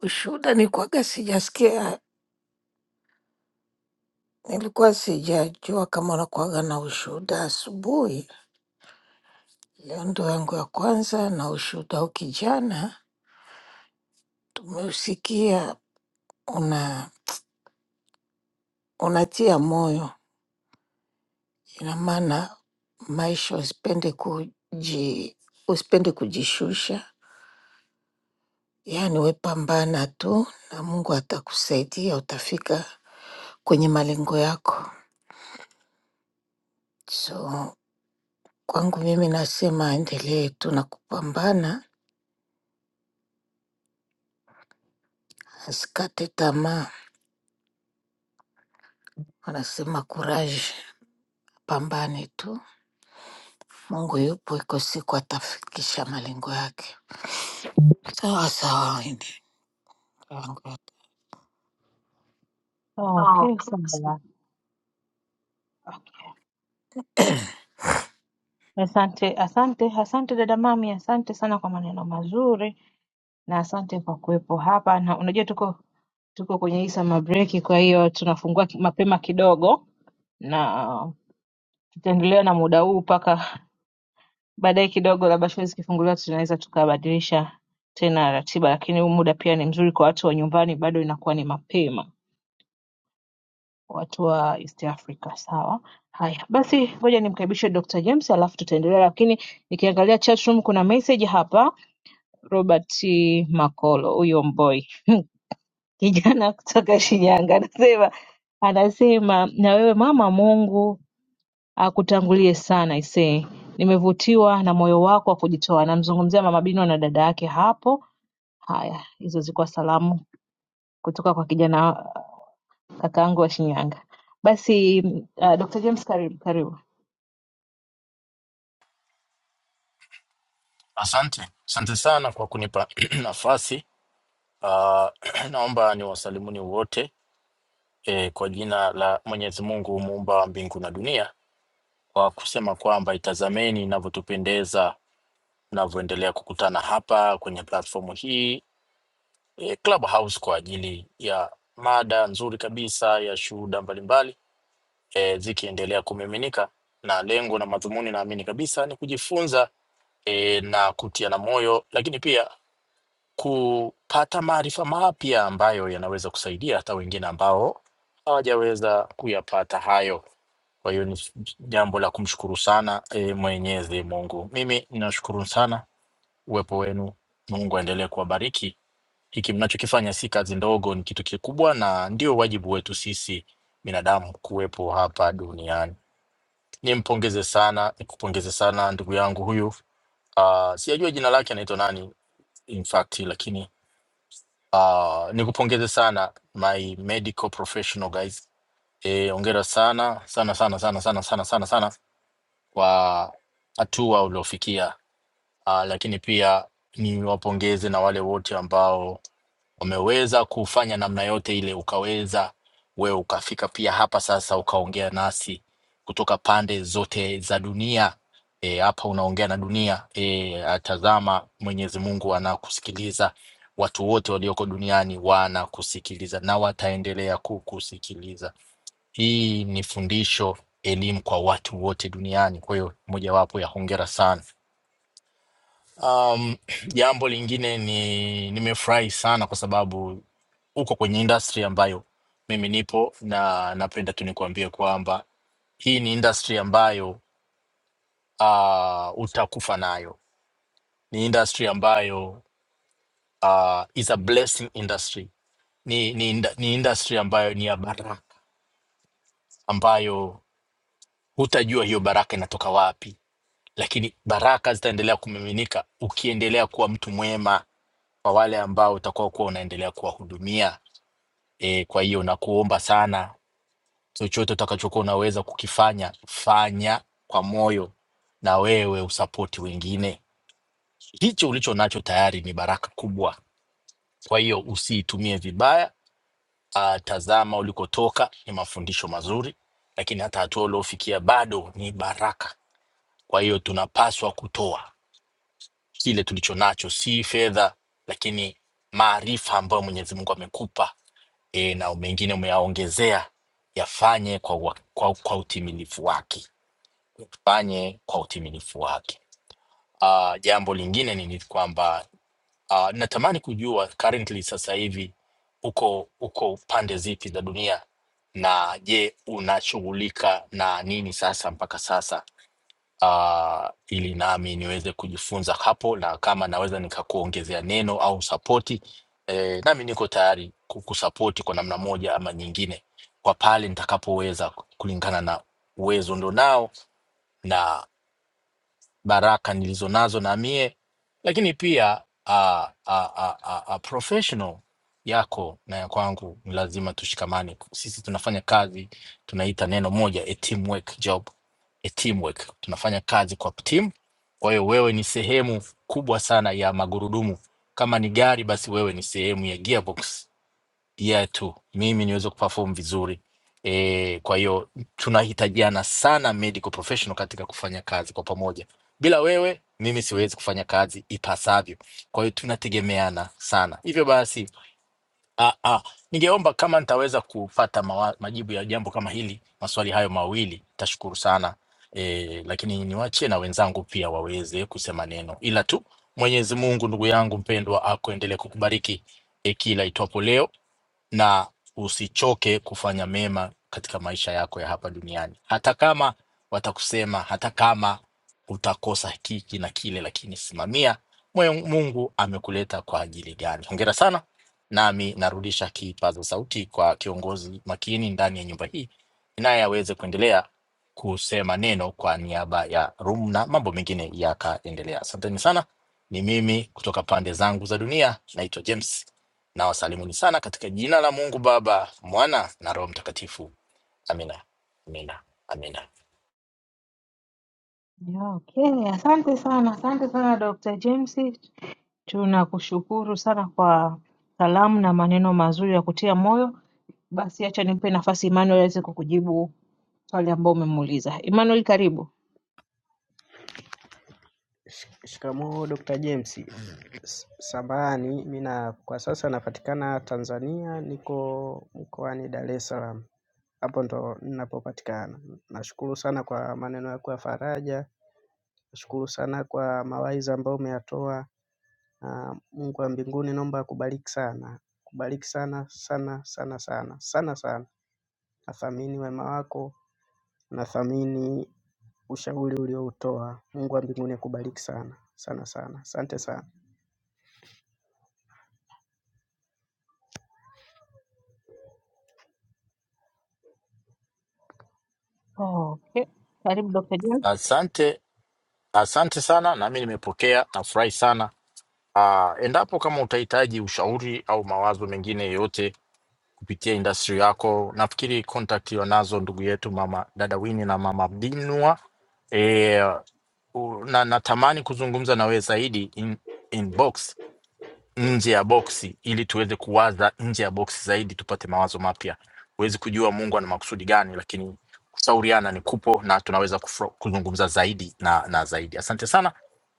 ushuhuda. Nilikuwaga sijasikia, nilikuwa sijajua kama unakuwaga na ushuhuda asubuhi. Leo ndo yangu ya kwanza na ushuhuda huu. Kijana tumeusikia una unatia moyo Ina maana maisha usipende kuji, usipende kujishusha, yaani we pambana tu na Mungu atakusaidia, utafika kwenye malengo yako. So kwangu mimi nasema aendelee tu na kupambana, asikate tamaa. Wanasema courage, pambane tu, Mungu yupo, iko siku atafikisha malengo yake. Sawa sawa, Wendy. Okay, sawa. Okay. Asante, asante, asante dada mami, asante sana kwa maneno mazuri na asante kwa kuwepo hapa. Na unajua tuko tuko kwenye hii summer break, kwa hiyo tunafungua ki- mapema kidogo na tutaendelea na muda huu mpaka baadaye kidogo, labda shule zikifunguliwa, tunaweza tukabadilisha tena ratiba, lakini huu muda pia ni mzuri kwa watu wa nyumbani, bado inakuwa ni mapema, watu wa East Africa. Sawa, haya basi, ngoja nimkaribishe Dr. James alafu tutaendelea, lakini nikiangalia chat room kuna message hapa. Robert Makolo, huyo mboi kijana kutoka Shinyanga, anasema anasema na wewe mama Mungu Akutangulie sana aisee nimevutiwa na moyo wako wa kujitoa namzungumzia mama Bino na dada yake hapo haya hizo zilikuwa salamu kutoka kwa kijana kakaangu wa Shinyanga basi uh, Dr. James karibu karibu Asante, asante sana kwa kunipa nafasi. Uh, naomba niwasalimuni wote eh, kwa jina la Mwenyezi Mungu muumba wa mbingu na dunia, kwa kusema kwamba itazameni inavyotupendeza tunavyoendelea kukutana hapa kwenye platformu hii eh, Clubhouse kwa ajili ya mada nzuri kabisa ya shuhuda mbalimbali eh, zikiendelea kumiminika, na lengo na madhumuni naamini kabisa ni kujifunza e, na kutiana moyo, lakini pia kupata maarifa mapya ambayo yanaweza kusaidia hata wengine ambao hawajaweza kuyapata hayo. Kwa hiyo ni jambo la kumshukuru sana e, Mwenyezi Mungu. Mimi ninashukuru sana uwepo wenu. Mungu aendelee kuwabariki. Hiki mnachokifanya si kazi ndogo, ni kitu kikubwa, na ndio wajibu wetu sisi binadamu kuwepo hapa duniani. Nimpongeze sana, nikupongeze sana ndugu yangu huyu. Uh, sijajua jina lake anaitwa nani in fact, lakini Uh, nikupongeze sana my medical professional guys. E, ongera sana sana sana sana sana sana sana sana kwa hatua uliofikia uh, lakini pia niwapongeze na wale wote ambao wameweza kufanya namna yote ile, ukaweza wewe ukafika pia hapa sasa ukaongea nasi kutoka pande zote za dunia. E, hapa unaongea na dunia e, atazama Mwenyezi Mungu anakusikiliza. Watu wote walioko duniani wanakusikiliza na wataendelea kukusikiliza. Hii ni fundisho, elimu kwa watu wote duniani. Kwa hiyo mojawapo ya hongera sana Um, jambo lingine ni nimefurahi sana kwa sababu uko kwenye industry ambayo mimi nipo na napenda tu nikuambie kwamba hii ni industry ambayo uh, utakufa nayo. Ni industry ambayo uh, is a blessing industry. Ni, ni, inda- ni industry ambayo ni ya baraka ambayo hutajua hiyo baraka inatoka wapi, lakini baraka zitaendelea kumiminika ukiendelea kuwa mtu mwema kwa wale ambao utakuwa kuwa unaendelea kuwahudumia E, kwa hiyo nakuomba sana, chochote utakachokuwa unaweza kukifanya fanya kwa moyo, na wewe usapoti wengine. Hicho ulicho nacho tayari ni baraka kubwa, kwa hiyo usiitumie vibaya. Ah, tazama ulikotoka, ni mafundisho mazuri, lakini hata hatua uliofikia bado ni baraka. Kwa hiyo tunapaswa kutoa kile tulicho nacho, si fedha, lakini maarifa ambayo Mwenyezi Mungu amekupa e, na mengine umeyaongezea, yafanye kwa, wa- kwa, kwa utimilifu wake, yafanye kwa utimilifu wake. Uh, jambo lingine ni, ni kwamba uh, natamani kujua currently sasa hivi uko uko pande zipi za dunia, na je unashughulika na nini sasa mpaka sasa uh, ili nami niweze kujifunza hapo, na kama naweza nikakuongezea neno au sapoti eh, nami niko tayari kukusapoti kwa namna moja ama nyingine kwa pale nitakapoweza kulingana na uwezo ndo nao na baraka nilizonazo na mie lakini pia a, a, a, a, a professional yako na ya kwangu ni lazima tushikamane sisi tunafanya kazi tunaita neno moja a teamwork job a teamwork tunafanya kazi kwa timu kwa hiyo wewe ni sehemu kubwa sana ya magurudumu kama ni gari basi wewe ni sehemu ya gearbox year tu mimi niweze kuperform vizuri e, kwa hiyo tunahitajiana sana medical professional katika kufanya kazi kwa pamoja bila wewe mimi siwezi kufanya kazi ipasavyo kwa hiyo tunategemeana sana hivyo basi ah, ah, ningeomba kama nitaweza kupata mawa, majibu ya jambo kama hili maswali hayo mawili tashukuru sana e, lakini niwachie na wenzangu pia waweze kusema neno ila tu mwenyezi mungu ndugu yangu mpendwa akuendelee kukubariki e, kila itwapo leo na usichoke kufanya mema katika maisha yako ya hapa duniani, hata kama watakusema, hata kama utakosa hiki na kile, lakini simamia mwe- Mungu amekuleta kwa ajili gani. Hongera sana, nami narudisha kipaza sauti kwa kiongozi makini ndani ya nyumba hii, naye aweze kuendelea kusema neno kwa niaba ya Rum na mambo mengine yakaendelea. Asanteni sana. Ni mimi kutoka pande zangu za dunia, naitwa James na wasalimuni sana katika jina la Mungu Baba, Mwana na Roho Mtakatifu. Amina, amina, amina. Yeah, Okay, asante sana, asante sana Dr. James. Tunakushukuru sana kwa salamu na maneno mazuri ya kutia moyo. Basi acha nimpe nafasi Emmanuel aweze kukujibu swali ambao umemuuliza. Emmanuel, karibu. Shik- Shikamoo Dr. James. S- Samahani, mimi na kwa sasa napatikana Tanzania, niko mkoani Dar es Salaam, hapo ndo ninapopatikana. Nashukuru sana kwa maneno yako ya faraja. Nashukuru sana kwa mawaidha ambayo umeyatoa na Mungu wa mbinguni naomba akubariki sana. Kubariki sana sana sana sana sana sana. Nathamini wema wako, nathamini ushauri ulioutoa. Mungu wa mbinguni akubariki sana sana sana. Asante sana. Okay, karibu Dr. James. Asante, asante sana, nami nimepokea, nafurahi sana. Ah, endapo kama utahitaji ushauri au mawazo mengine yoyote kupitia industry yako, nafikiri contact wanazo ndugu yetu mama dada Wini na mama Binwa. E, na natamani kuzungumza na wewe zaidi in, inbox nje ya boksi ili tuweze kuwaza nje ya boksi zaidi, tupate mawazo mapya. Huwezi kujua Mungu ana makusudi gani, lakini kushauriana ni kupo na tunaweza kufro- kuzungumza zaidi na, na zaidi. Asante sana,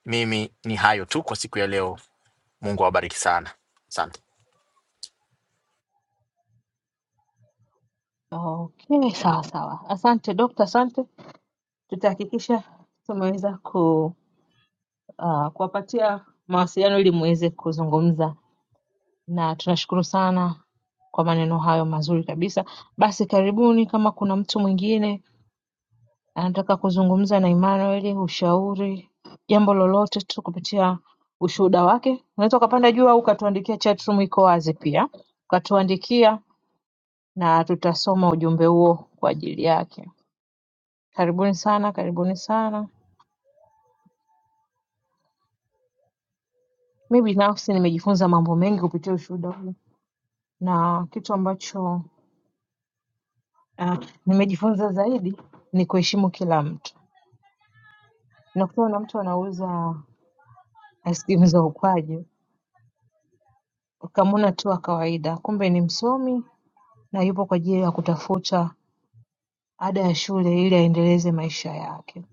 mimi ni hayo tu kwa siku ya leo. Mungu awabariki sana, asante. Okay, sawa sawa. Asante dokta, asante. Tutahakikisha tumeweza ku uh, kuwapatia mawasiliano ili muweze kuzungumza, na tunashukuru sana kwa maneno hayo mazuri kabisa. Basi karibuni, kama kuna mtu mwingine anataka kuzungumza na Emmanuel, ushauri, jambo lolote tu kupitia ushuhuda wake, unaweza ukapanda juu au ukatuandikia. Chatroom iko wazi pia, ukatuandikia na tutasoma ujumbe huo kwa ajili yake. Karibuni sana, karibuni sana. Mi binafsi nimejifunza mambo mengi kupitia ushuhuda huu, na kitu ambacho uh, nimejifunza zaidi ni kuheshimu kila mtu. Nakutana na mtu anauza aiskrimu za ukwaju, ukamwona tu wa kawaida, kumbe ni msomi na yupo kwa ajili ya kutafuta ada ya shule ili aendeleze maisha yake.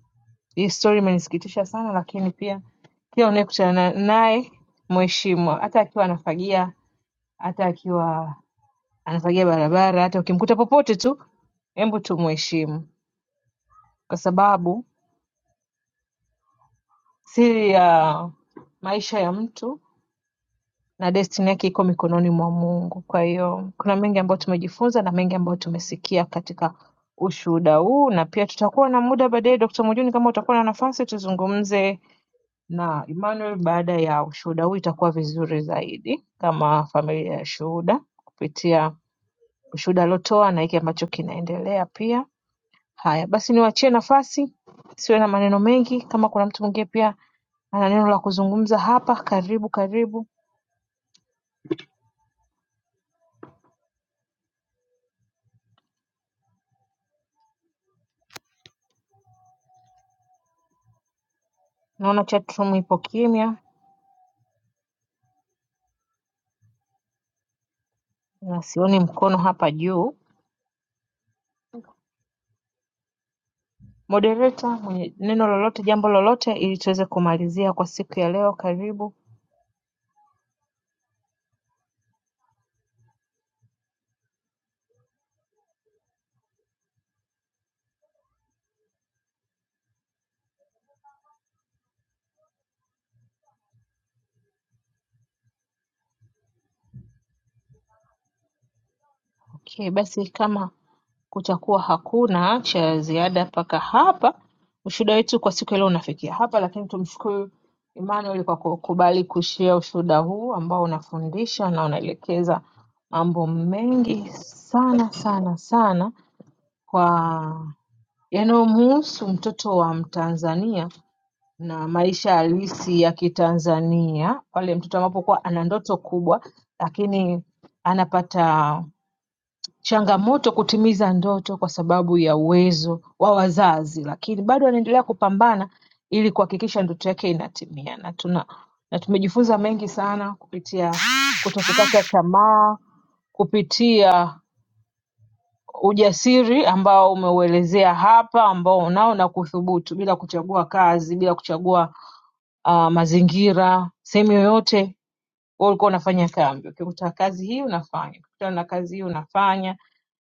Hii story imenisikitisha sana, lakini pia kila unayekutana naye mheshimu, hata akiwa anafagia, hata akiwa anafagia barabara hata ukimkuta popote tu hebu tumuheshimu kwa sababu siri ya maisha ya mtu na destiny yake iko mikononi mwa mungu kwa hiyo kuna mengi ambayo tumejifunza na mengi ambayo tumesikia katika ushuhuda huu na pia tutakuwa na muda baadaye dr mujuni kama utakuwa na nafasi tuzungumze na emmanuel baada ya ushuhuda huu itakuwa vizuri zaidi kama familia ya shuhuda kupitia ushuhuda aliotoa na hiki ambacho kinaendelea pia haya basi niwaachie nafasi siwe na maneno mengi kama kuna mtu mwingine pia ana neno la kuzungumza hapa karibu karibu naona chatroom ipo kimya na sioni mkono hapa juu modereta mwenye neno lolote jambo lolote ili tuweze kumalizia kwa siku ya leo karibu okay basi kama kutakuwa hakuna cha ziada mpaka hapa. Ushuhuda wetu kwa siku ya leo unafikia hapa, lakini tumshukuru Emmanuel kwa kukubali kushia ushuhuda huu ambao unafundisha na unaelekeza mambo mengi sana sana sana kwa yanayomhusu mtoto wa Mtanzania na maisha halisi ya Kitanzania, pale mtoto anapokuwa ana ndoto kubwa lakini anapata changamoto kutimiza ndoto kwa sababu ya uwezo wa wazazi, lakini bado anaendelea kupambana ili kuhakikisha ndoto yake inatimia, na tuna na tumejifunza mengi sana kupitia kutokukata tamaa, kupitia ujasiri ambao umeuelezea hapa, ambao unao na kuthubutu bila kuchagua kazi, bila kuchagua uh, mazingira, sehemu yoyote wewe ulikuwa unafanya kambi, ukikuta kazi hii unafanya, ukikutana na kazi hii unafanya.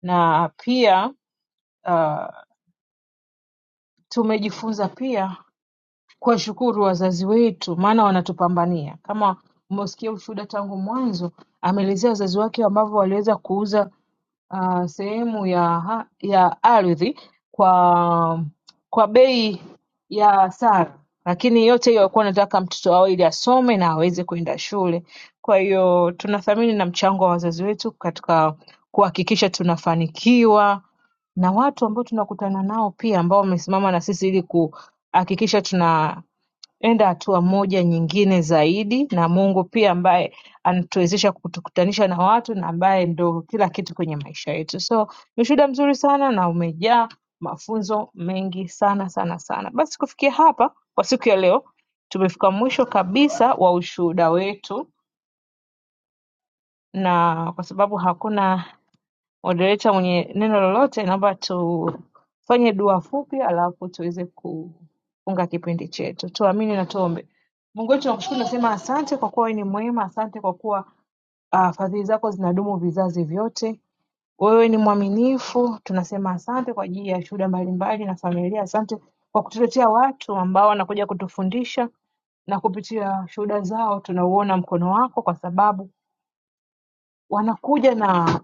Na pia uh, tumejifunza pia kuwashukuru wazazi wetu, maana wanatupambania. Kama umesikia ushuhuda tangu mwanzo, ameelezea wazazi wake ambavyo waliweza kuuza ah, sehemu ya ha- ya ardhi kwa kwa bei ya sara, lakini yote hiyo alikuwa anataka mtoto awe ili asome na aweze kwenda shule. Kwa hiyo tunathamini na mchango wa wazazi wetu katika kuhakikisha tunafanikiwa na watu ambao tunakutana nao pia ambao wamesimama na sisi ili kuhakikisha tuna enda hatua moja nyingine zaidi na Mungu pia ambaye anatuwezesha kutukutanisha na watu na ambaye ndo kila kitu kwenye maisha yetu. So ni ushuhuda mzuri sana na umejaa mafunzo mengi sana sana sana. Basi kufikia hapa kwa siku ya leo tumefika mwisho kabisa wa ushuhuda wetu, na kwa sababu hakuna Moderator mwenye neno lolote naomba tufanye dua fupi alafu tuweze kufunga kipindi chetu. Tuamini na tuombe. Mungu wetu nakushukuru, nasema asante kwa kuwa wewe ni mwema, asante kwa kuwa uh, fadhili zako zinadumu vizazi vyote. Wewe ni mwaminifu, tunasema asante kwa ajili ya shuhuda mbalimbali na familia. Asante kwa kutuletea watu ambao wanakuja kutufundisha na kupitia shuhuda zao tunauona mkono wako, kwa sababu wanakuja na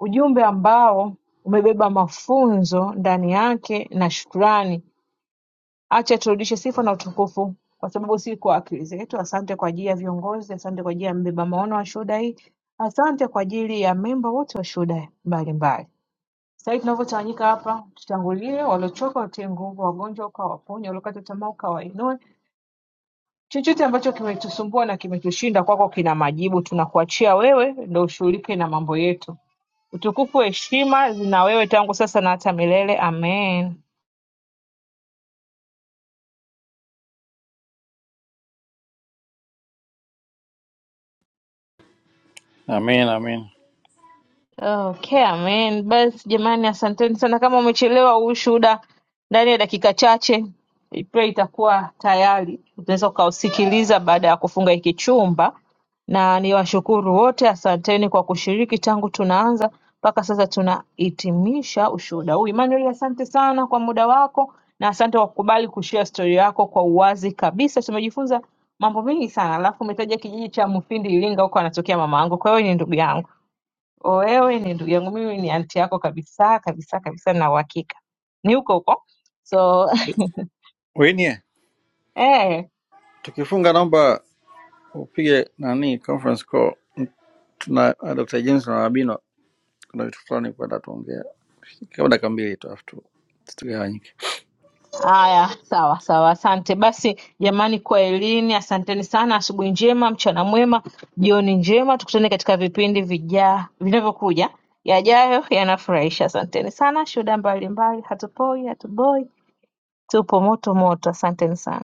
Ujumbe ambao umebeba mafunzo ndani yake na shukrani. Acha turudishe sifa na utukufu, kwa sababu si kwa akili zetu. Asante kwa ajili ya viongozi, asante kwa ajili ya mbeba maono wa shuhuda hii, asante kwa ajili ya memba wote wa shuhuda mbalimbali. Sasa hivi tunavyotawanyika hapa, tutangulie waliochoka, watie nguvu, wagonjwa ukawaponya, waliokata tamaa ukawainue. Chochote ambacho kimetusumbua na kimetushinda kwako kwa kina majibu, tunakuachia wewe ndo ushughulike na mambo yetu. Utukufu heshima zina wewe tangu sasa na hata milele. Amen. Amin, amin. Okay, amen. Basi jamani, asanteni sana. Kama umechelewa huu ushuhuda, ndani ya dakika chache I pray itakuwa tayari, utaweza ukausikiliza baada ya kufunga hiki chumba. Na niwashukuru wote, asanteni kwa kushiriki tangu tunaanza mpaka sasa tunahitimisha ushuhuda huu. Emmanuel, asante sana kwa muda wako na asante kwa kukubali kushare story yako kwa uwazi kabisa. Tumejifunza mambo mengi sana, alafu umetaja kijiji cha Mufindi Iringa, huko anatokea mama yangu, kwa hiyo ni ndugu yangu. O, wewe ni ndugu yangu, mimi ni anti yako kabisa kabisa kabisa, na uhakika ni huko huko so Rini, Eh, tukifunga naomba upige nani conference call. Tuna uh, Dr. James na Abino, kuna vitu fulani kwenda tuongea kama dakika mbili tu afu tu- tutugawanyike. haya, sawa sawa, asante basi jamani, kwa elini, asanteni sana. Asubuhi njema, mchana mwema, jioni njema, tukutane katika vipindi vija vinavyokuja. Yajayo yanafurahisha. Asanteni sana, shuhuda mbalimbali, hatupoi hatuboi, tupo moto moto. Asanteni sana.